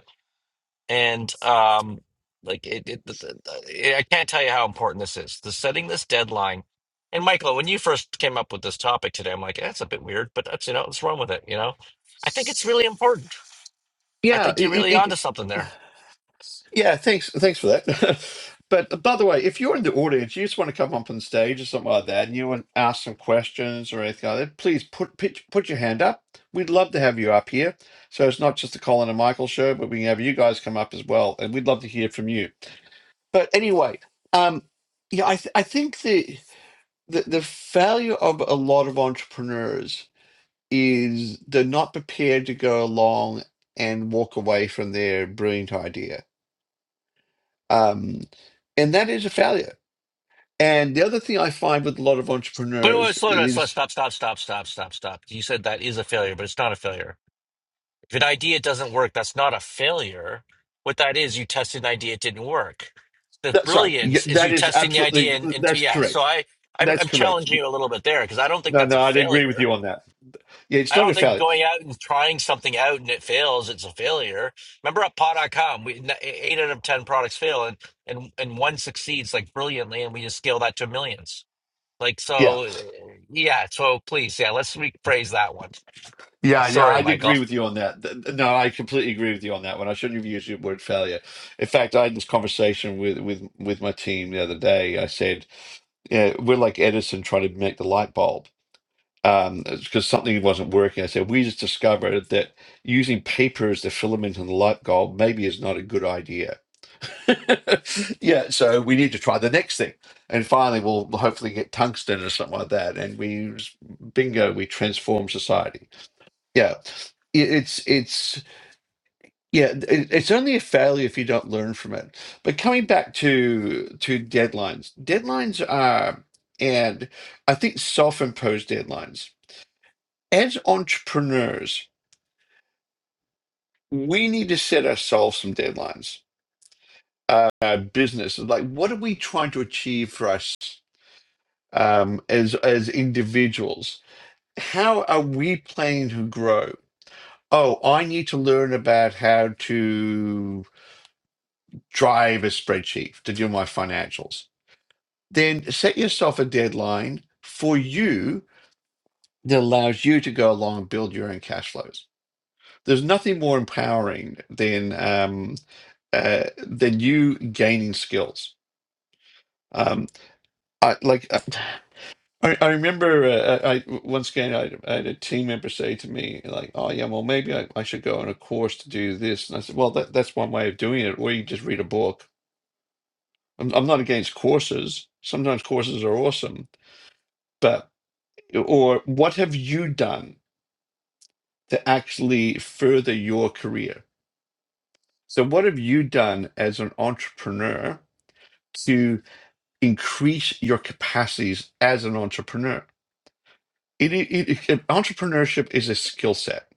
[SPEAKER 1] and um, like it, it, it, it, I can't tell you how important this is. The setting this deadline. And Michael, when you first came up with this topic today, I'm like, that's a bit weird, but that's you know, let's run with it. You know, I think it's really important. I
[SPEAKER 2] yeah
[SPEAKER 1] think you're really onto something there.
[SPEAKER 2] Yeah, thanks. Thanks for that. But by the way, if you're in the audience, you just want to come up on stage or something like that, and you want to ask some questions or anything like that, please put put, put your hand up. We'd love to have you up here. So it's not just the Colin and Michael show, but we can have you guys come up as well, and we'd love to hear from you. But anyway, um, yeah, I th- I think the, the the failure of a lot of entrepreneurs is they're not prepared to go along and walk away from their brilliant idea Um, and that is a failure. And the other thing I find with a lot of
[SPEAKER 1] But wait, wait,
[SPEAKER 2] entrepreneurs
[SPEAKER 1] slow down, slow,
[SPEAKER 2] is
[SPEAKER 1] stop, stop, stop, stop, stop, stop. You said that is a failure, but it's not a failure. If an idea doesn't work, that's not a failure. What that is, you tested an idea, it didn't work. The
[SPEAKER 2] that sorry, yeah,
[SPEAKER 1] brilliance is you
[SPEAKER 2] that is
[SPEAKER 1] testing the idea
[SPEAKER 2] absolutely
[SPEAKER 1] and, and so,
[SPEAKER 2] that's
[SPEAKER 1] yeah. So
[SPEAKER 2] correct.
[SPEAKER 1] I, I'm,
[SPEAKER 2] That's
[SPEAKER 1] I'm
[SPEAKER 2] correct.
[SPEAKER 1] challenging you a little bit there because I don't think
[SPEAKER 2] No,
[SPEAKER 1] that's a
[SPEAKER 2] no, I'd agree with
[SPEAKER 1] failure.
[SPEAKER 2] you on that. Yeah, it's
[SPEAKER 1] I
[SPEAKER 2] not a
[SPEAKER 1] don't think
[SPEAKER 2] failure.
[SPEAKER 1] going out and trying something out and it fails, it's a failure. Remember at pod.com, we n- e, eight out of 10 products fail and, and, and one succeeds like brilliantly and we just scale that to millions. Like,
[SPEAKER 2] Yeah,
[SPEAKER 1] so eh, yeah. So please, yeah, let's rephrase that one.
[SPEAKER 2] yeah, yeah,
[SPEAKER 1] Sorry,
[SPEAKER 2] I'd
[SPEAKER 1] Michael.
[SPEAKER 2] agree with you on that. Th- th- No, I completely agree with you on that one. I shouldn't have used the word failure. In fact, I had this conversation with with with my team the other day. I said, yeah, we're like Edison trying to make the light bulb. um, because something wasn't working. I said, we just discovered that using paper as the filament in the light bulb maybe is not a good idea. yeah, so we need to try the next thing. And finally, we'll we'll hopefully get tungsten or something like that. And we, bingo, we transform society. Yeah, i- it's it's yeah, it, it's only a failure if you don't learn from it. But coming back to to deadlines, deadlines are, and I think self-imposed deadlines as entrepreneurs, we need to set ourselves some deadlines. Uh, our business, like, what are we trying to achieve for us um, as as individuals? How are we planning to grow? Oh, I need to learn about how to drive a spreadsheet to do my financials. Then set yourself a deadline for you that allows you to go along and build your own cash flows. There's nothing more empowering than um, uh, than you gaining skills. Um, I like uh, I, I remember uh, I I- once again I, had- I had a team member say to me like, "Oh yeah, well maybe I, I should go on a course to do this." And I said, "Well, that, that's one way of doing it, or you just read a book." I'm, I'm not against courses. Sometimes courses are awesome, but or what have you done to actually further your career? So what have you done as an entrepreneur to increase your capacities as an entrepreneur. It, it, it, entrepreneurship is a skill set.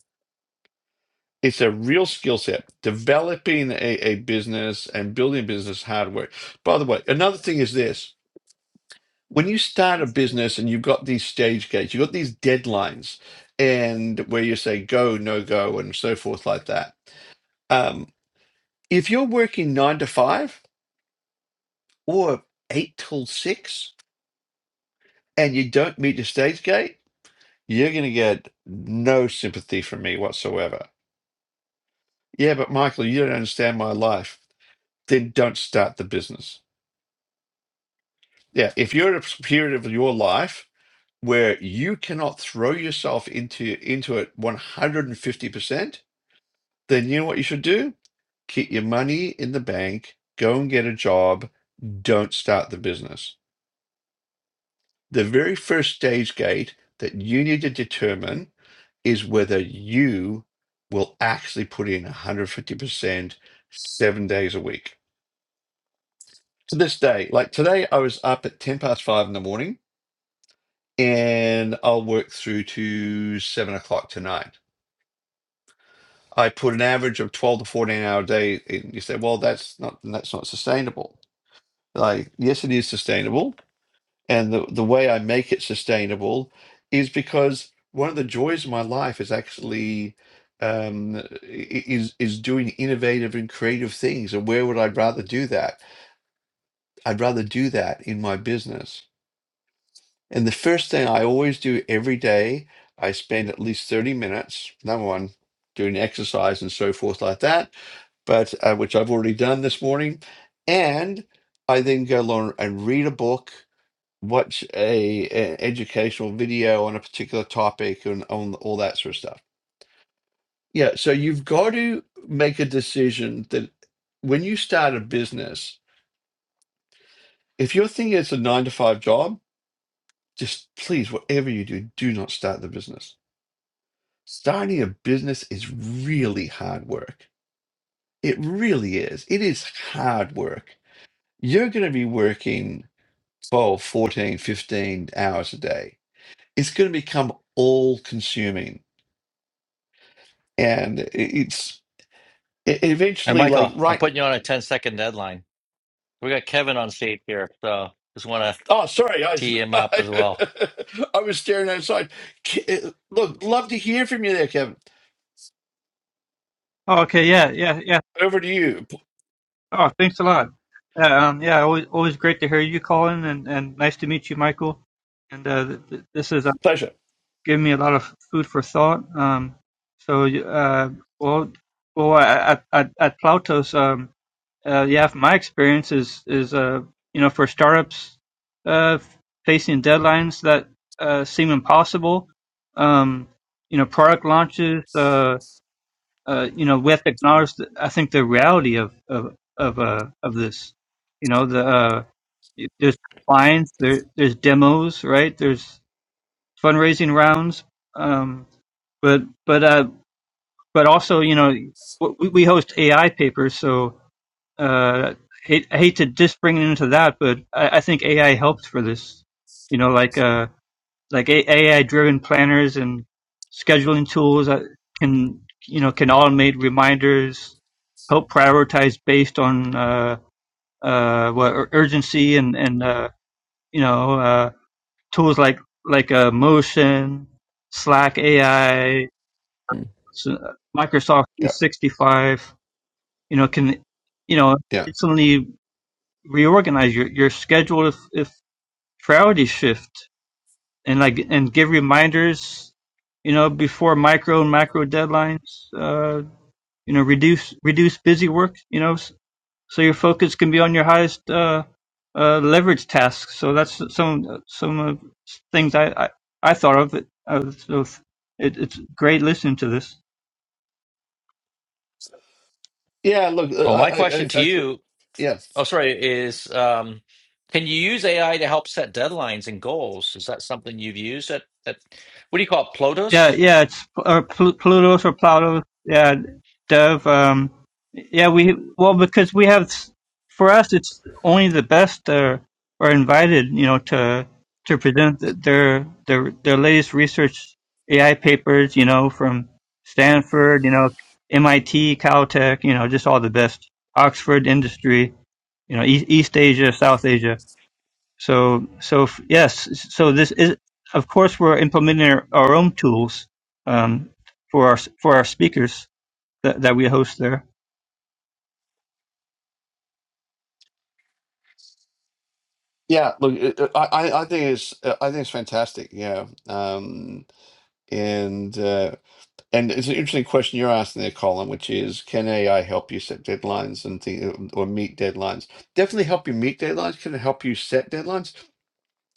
[SPEAKER 2] It's a real skill set. Developing a, a business and building a business hardware. By the way, another thing is this: when you start a business and you've got these stage gates, you've got these deadlines, and where you say go, no go, and so forth like that. Um, if you're working nine to five or eight till six, and you don't meet your stage gate You're going to get no sympathy from me whatsoever. Yeah, but Michael, you don't understand my life. Then don't start the business. Yeah, if you're at a period of your life where you cannot throw yourself into into it 150%, then you know what you should do? Keep your money in the bank, go and get a job, don't start the business. The very first stage gate that you need to determine is whether you will actually put in 150% seven days a week. To this day, like today, I was up at 10 past five in the morning and I'll work through to seven o'clock tonight. I put an average of 12 to 14 hour day. And you say, well, that's not, that's not sustainable. Like, yes, it is sustainable And the, the way I make it sustainable is because one of the joys of my life is actually um, i- is is doing innovative and creative things. And where would I rather do that? I'd rather do that in my business. And the first thing I always do every day, I spend at least 30 minutes, number one, doing exercise and so forth like that, but uh, which I've already done this morning. And I then go along and read a book watch a, a educational video on a particular topic and on all that sort of stuff. Yeah, so you've got to make a decision that when you start a business, if you're thinking it's a nine to five job, just please, whatever you do, do not start the business. Starting a business is really hard work. It really is. It is hard work. You're going to be working 12, 14, 15 hours a day. It's going to become all consuming and it's it
[SPEAKER 1] And
[SPEAKER 2] eventually like
[SPEAKER 1] Michael, I'm
[SPEAKER 2] right
[SPEAKER 1] putting you on a 10 second deadline. We got Kevin on stage here, so just want to
[SPEAKER 2] oh sorry i was
[SPEAKER 1] tee him up as well.
[SPEAKER 2] i was staring outside K- uh, look love to hear from you there kevin
[SPEAKER 3] Oh, okay, yeah, yeah, yeah.
[SPEAKER 2] over to you P-
[SPEAKER 3] Oh, thanks a lot. Yeah, um, yeah, always, always great to hear you, calling, and, and nice to meet you, Michael. And uh, th- th- this is uh,
[SPEAKER 2] pleasure
[SPEAKER 3] giving me a lot of food for thought. Um, so, you- uh, well, well, at at, at Plautos, um, uh, yeah, from my experience is is uh, you know, for startups uh, facing deadlines that uh, seem impossible, um, you know, product launches. Uh, uh, you know, we have to acknowledge, the, I think, the reality of of of uh, of this. You know, the uh, there's compliance, there there's demos, right? There's fundraising rounds, um, but but uh, but also, you know, we, we host AI papers, so uh, hate, I hate to just bring it into that, but I, I think AI helped for this. You know, like uh, like AI driven planners and scheduling tools that can, you know, can automate reminders, help prioritize based on, uh, uh, what ur- urgency and, and, uh, you know, uh, tools like, like, uh, Motion, Slack AI,
[SPEAKER 2] Mm,
[SPEAKER 3] Microsoft
[SPEAKER 2] yeah
[SPEAKER 3] 365, you know, can, you know,
[SPEAKER 2] yeah
[SPEAKER 3] instantly reorganize your, your schedule if, if priorities shift. and like and give reminders, you know, before micro and macro deadlines. Uh, you know, reduce reduce busy work. You know, s- so your focus can be on your highest uh, uh, leverage tasks. So that's some some of things I I, I thought of. It. Uh, so it, it's great listening to this.
[SPEAKER 2] yeah look uh,
[SPEAKER 1] So
[SPEAKER 2] i
[SPEAKER 1] my
[SPEAKER 2] i
[SPEAKER 1] question
[SPEAKER 2] i,
[SPEAKER 1] to
[SPEAKER 2] I could
[SPEAKER 1] you,
[SPEAKER 2] yeah
[SPEAKER 1] oh sorry, is um, can you use AI to help set deadlines and goals? Is that something you've used at, at what do you call it,
[SPEAKER 3] Yeah,
[SPEAKER 1] Plotus?
[SPEAKER 3] yeah, it's or Pl- Pluto's or Plato's. Yeah, Dev. Um, yeah, we well because we have for us it's only the best are are invited, you know, to to present th- their their their latest research AI papers, you know, from Stanford, you know, MIT, Caltech, you know, just all the best. Oxford Industry, you know, East, East Asia, South Asia. So, so f- yes, so this is, of course, we're implementing our, our own tools um, for our for our speakers that, that we host there.
[SPEAKER 2] yeah look uh, uh, i i I think it's uh, i think it's fantastic yeah um and uh, and it's an interesting question you're asking there, Colin, which is can AI help you set deadlines and thing, or meet deadlines? Definitely help you meet deadlines. Can it help you set deadlines?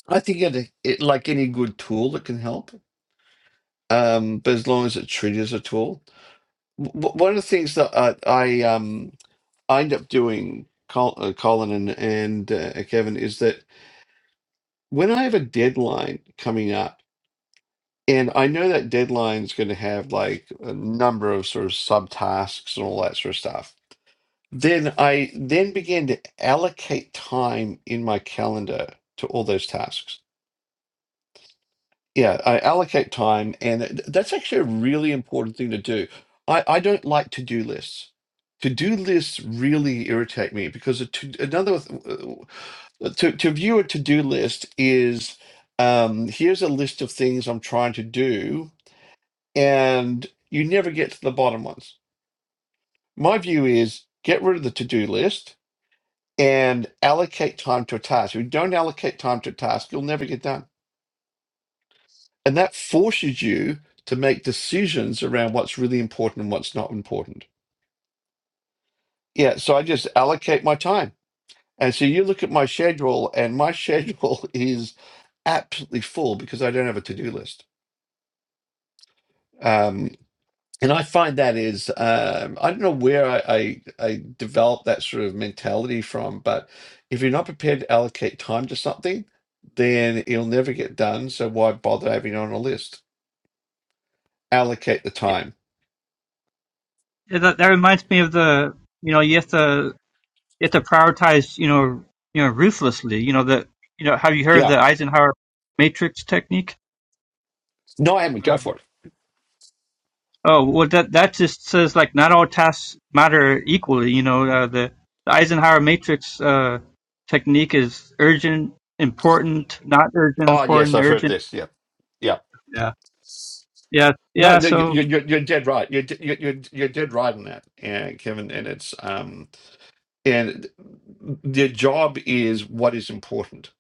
[SPEAKER 2] I think it, it like any good tool, it can help. Um, but as long as it as a tool, w- one of the things that I, I um I end up doing, Col- uh, Colin and and uh, Kevin, is that when I have a deadline coming up, and I know that deadline's going to have like a number of sort of subtasks and all that sort of stuff, then I then begin to allocate time in my calendar to all those tasks. Yeah, I allocate time, and th- that's actually a really important thing to do. I, I don't like to-do lists. To-do lists really irritate me because a to, another th- to to view a to-do list is um, here's a list of things I'm trying to do, and you never get to the bottom ones. My view is get rid of the to-do list and allocate time to a task. If you don't allocate time to a task, you'll never get done. And that forces you to make decisions around what's really important and what's not important. Yeah. So I just allocate my time. And so you look at my schedule, and my schedule is absolutely full because I don't have a to do list. Um, and I find that is, um, I don't know where I, I, I developed that sort of mentality from, but if you're not prepared to allocate time to something, then it'll never get done. So why bother having it on a list? Allocate the
[SPEAKER 3] It,
[SPEAKER 2] time.
[SPEAKER 3] it- that, that reminds me of the, you know, you have to you have to prioritize, you know, you know, ruthlessly. You know the, you know, have you heard of
[SPEAKER 2] Yeah.
[SPEAKER 3] the Eisenhower matrix technique?
[SPEAKER 2] No, I haven't. Go for it.
[SPEAKER 3] Oh well, that that just says like not all tasks matter equally. You know, uh, the, the Eisenhower matrix uh, technique is urgent, important, not urgent,
[SPEAKER 2] Oh yes,
[SPEAKER 3] important,
[SPEAKER 2] I've heard
[SPEAKER 3] urgent.
[SPEAKER 2] this. Yeah, yeah.
[SPEAKER 3] Yeah, yeah,
[SPEAKER 2] No,
[SPEAKER 3] yeah.
[SPEAKER 2] no, you, you,
[SPEAKER 3] So.
[SPEAKER 2] you're you're dead right. You're de- you, you're you're dead right on that, yeah, Kevin. And it's um and their job is what is important,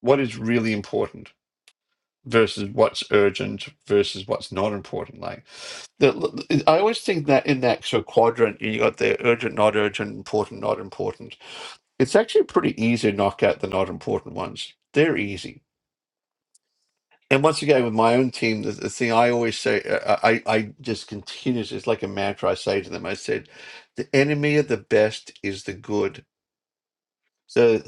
[SPEAKER 2] what is really important versus what's urgent versus what's not important. Like the, I always think that in that sort of quadrant, you got the urgent, not urgent, important, not important. It's actually pretty easy to knock out the not important ones. They're easy And once again, with my own team, the, the thing I always say, uh, uh, I, I just continues, it's like a mantra I say to them. I said, the enemy of the best is the good. So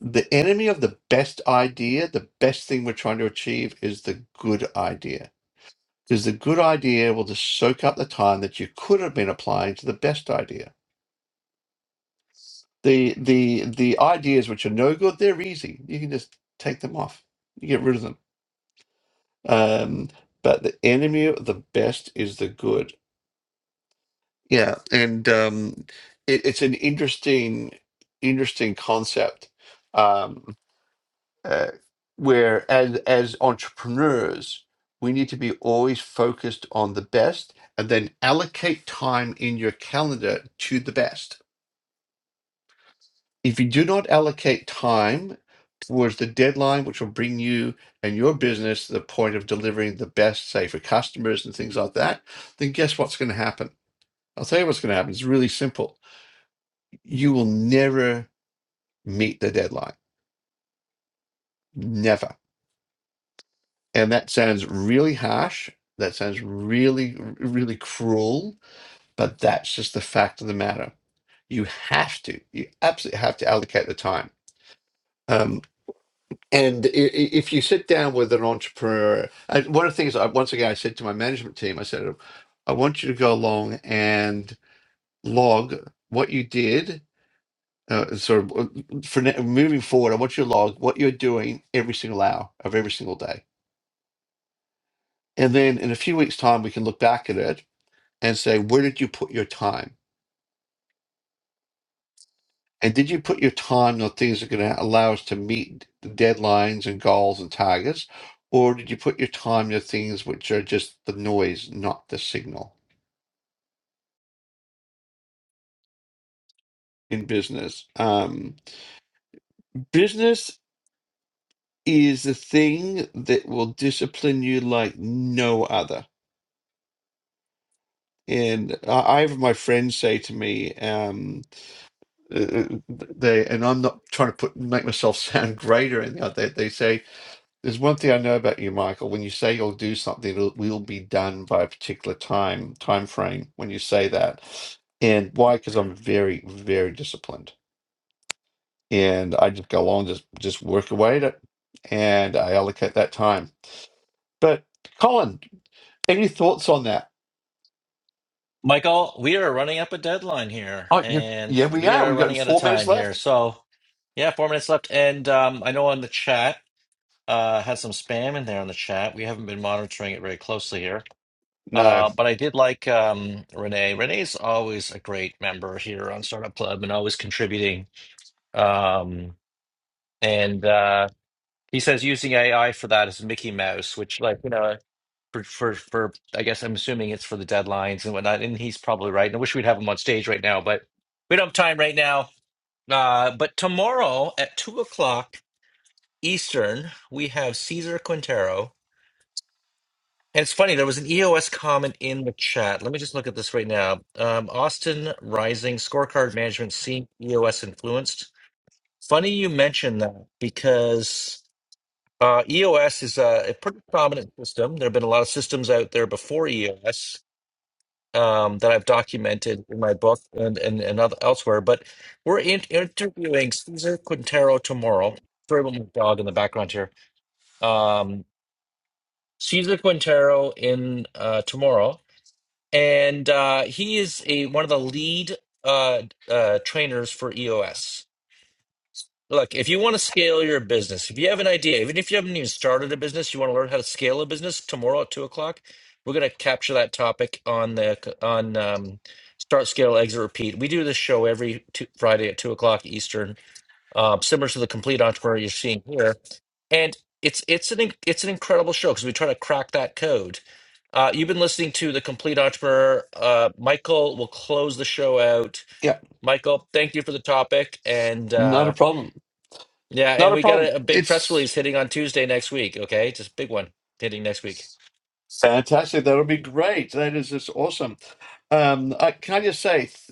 [SPEAKER 2] the enemy of the best idea, the best thing we're trying to achieve is the good idea. Because the good idea will just soak up the time that you could have been applying to the best idea. The the the ideas which are no good, they're easy. You can just take them off. You get rid of them. Um, but the enemy of the best is the good Yeah, and um, it, it's an interesting, interesting concept um, uh, where as as entrepreneurs, we need to be always focused on the best and then allocate time in your calendar to the best. If you do not allocate time towards the deadline, which will bring you and your business to the point of delivering the best, say for customers and things like that, then guess what's going to happen? I'll tell you what's going to happen. It's really simple you will never meet the deadline. Never. And that sounds really harsh. That sounds really, really cruel, but that's just the fact of the matter. You have to, you absolutely have to allocate the time. Um, and i- i- if you sit down with an entrepreneur, I, one of the things I, once again, I said to my management team, I said, I want you to go along and log what you did Uh, so, uh, for now, moving forward, I want you to log what you're doing every single hour of every single day. And then in a few weeks' time, we can look back at it and say, where did you put your time? And did you put your time on things that are going to allow us to meet the deadlines and goals and targets? Or did you put your time on things which are just the noise, not the signal in business? Um, business is the thing that will discipline you like no other And I I have my friends say to me, um, uh, they, and I'm not trying to put make myself sound great or anything like that. They say, "There's one thing I know about you, Michael. When you say you'll do something, it'll, will be done by a particular time time frame. When you say that, and why? Because I'm very, very disciplined, and I just go along, just just work away at it, and I allocate that time. But Colin, any thoughts on that?
[SPEAKER 1] Michael, we are running up a deadline here,
[SPEAKER 2] Oh, you,
[SPEAKER 1] and
[SPEAKER 2] yeah, we
[SPEAKER 1] we
[SPEAKER 2] are.
[SPEAKER 1] are
[SPEAKER 2] We got
[SPEAKER 1] running out of
[SPEAKER 2] four minutes
[SPEAKER 1] time here.
[SPEAKER 2] left.
[SPEAKER 1] So yeah, four minutes left, and um, I know on the chat uh, had some spam in there on the chat. We haven't been monitoring it very closely here.
[SPEAKER 2] No.
[SPEAKER 1] Uh, but I did like um, Renee. Renee's always a great member here on Startup Club and always contributing. Um, and uh, he says using AI for that is Mickey Mouse, which, like, you know, for, for, for, I guess I'm assuming it's for the deadlines and whatnot. And he's probably right. And I wish we'd have him on stage right now, but we don't have time right now. Uh, but tomorrow at two o'clock Eastern, we have Cesar Quintero And it's funny, there was an EOS comment in the chat. Let me just look at this right now. Um, Austin Rising scorecard management seemed EOS influenced. Funny you mentioned that because uh, EOS is a, a pretty prominent system. There have been a lot of systems out there before EOS um, that I've documented in my book and and, and other, elsewhere. But we're in, interviewing Cesar Quintero tomorrow. Sorry about my dog in the background here. Um, Cesar Quintero in uh, tomorrow and uh, he is a one of the lead uh, uh, trainers for EOS. Look, if you want to scale your business, if you have an idea, even if you haven't even started a business, you want to learn how to scale a business. Tomorrow at two o'clock, we're going to capture that topic on the on um, Start, Scale, Exit, Repeat. We do this show every two, Friday at two o'clock Eastern uh, similar to the complete entrepreneur you're seeing here. And it's it's an in- it's an incredible show because we try to crack that code. Uh, you've been listening to the complete entrepreneur. Uh, Michael will close the show out.
[SPEAKER 2] yeah.
[SPEAKER 1] Michael, thank you for the topic, and
[SPEAKER 2] Not a
[SPEAKER 1] uh,
[SPEAKER 2] problem.
[SPEAKER 1] yeah,
[SPEAKER 2] Not
[SPEAKER 1] and
[SPEAKER 2] a
[SPEAKER 1] we got
[SPEAKER 2] problem.
[SPEAKER 1] a, a big press
[SPEAKER 2] It's
[SPEAKER 1] release hitting on Tuesday next week. Okay, just a big one hitting next week.
[SPEAKER 2] fantastic. That'll be great. That is just awesome. Um, I, can I just say, th-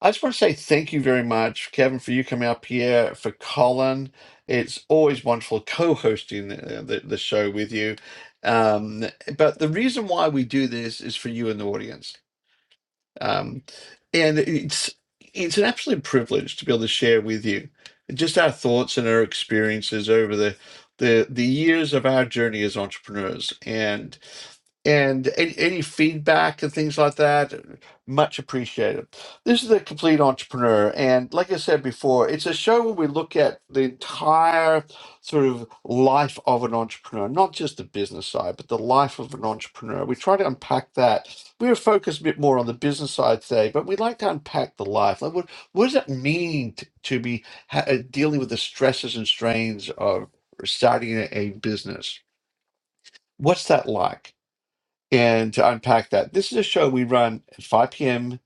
[SPEAKER 2] I just want to say thank you very much, Kevin, for you coming up here, for Colin. It's always wonderful co hosting the, uh, the, the show with you. Um, but the reason why we do this is for you in the audience. Um, and it's it's an absolute privilege to be able to share with you just our thoughts and our experiences over the the the years of our journey as entrepreneurs. and and any, any feedback and things like that much appreciated this is the complete entrepreneur and like i said before it's a show where we look at the entire sort of life of an entrepreneur not just the business side but the life of an entrepreneur we try to unpack that we're focused a bit more on the business side today but we like to unpack the life like what, what does it mean t- to be ha- uh, dealing with the stresses and strains of starting a a business what's that like and to unpack that, this is a show we run at 5 p.m.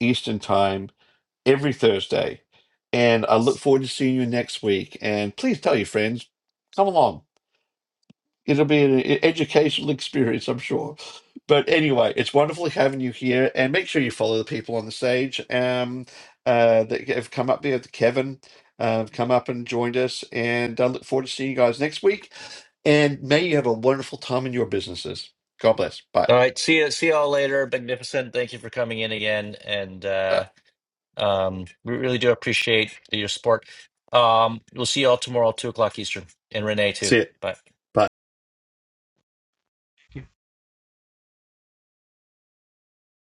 [SPEAKER 2] Eastern Time every Thursday. And I look forward to seeing you next week. And please tell your friends, come along. It'll be an e- educational experience, I'm sure. But anyway, it's wonderful having you here. And make sure you follow the people on the stage um, uh, that have come up here. Kevin uh, come up and joined us. And I look forward to seeing you guys next week. And may you have a wonderful time in your businesses. God bless. Bye.
[SPEAKER 1] All right, see you, see y'all later. Magnificent, thank you for coming in again, and uh, Um, we really do appreciate your support. Um, we'll see you all tomorrow, two o'clock Eastern, and Renee too.
[SPEAKER 2] See it.
[SPEAKER 1] Bye.
[SPEAKER 2] Bye.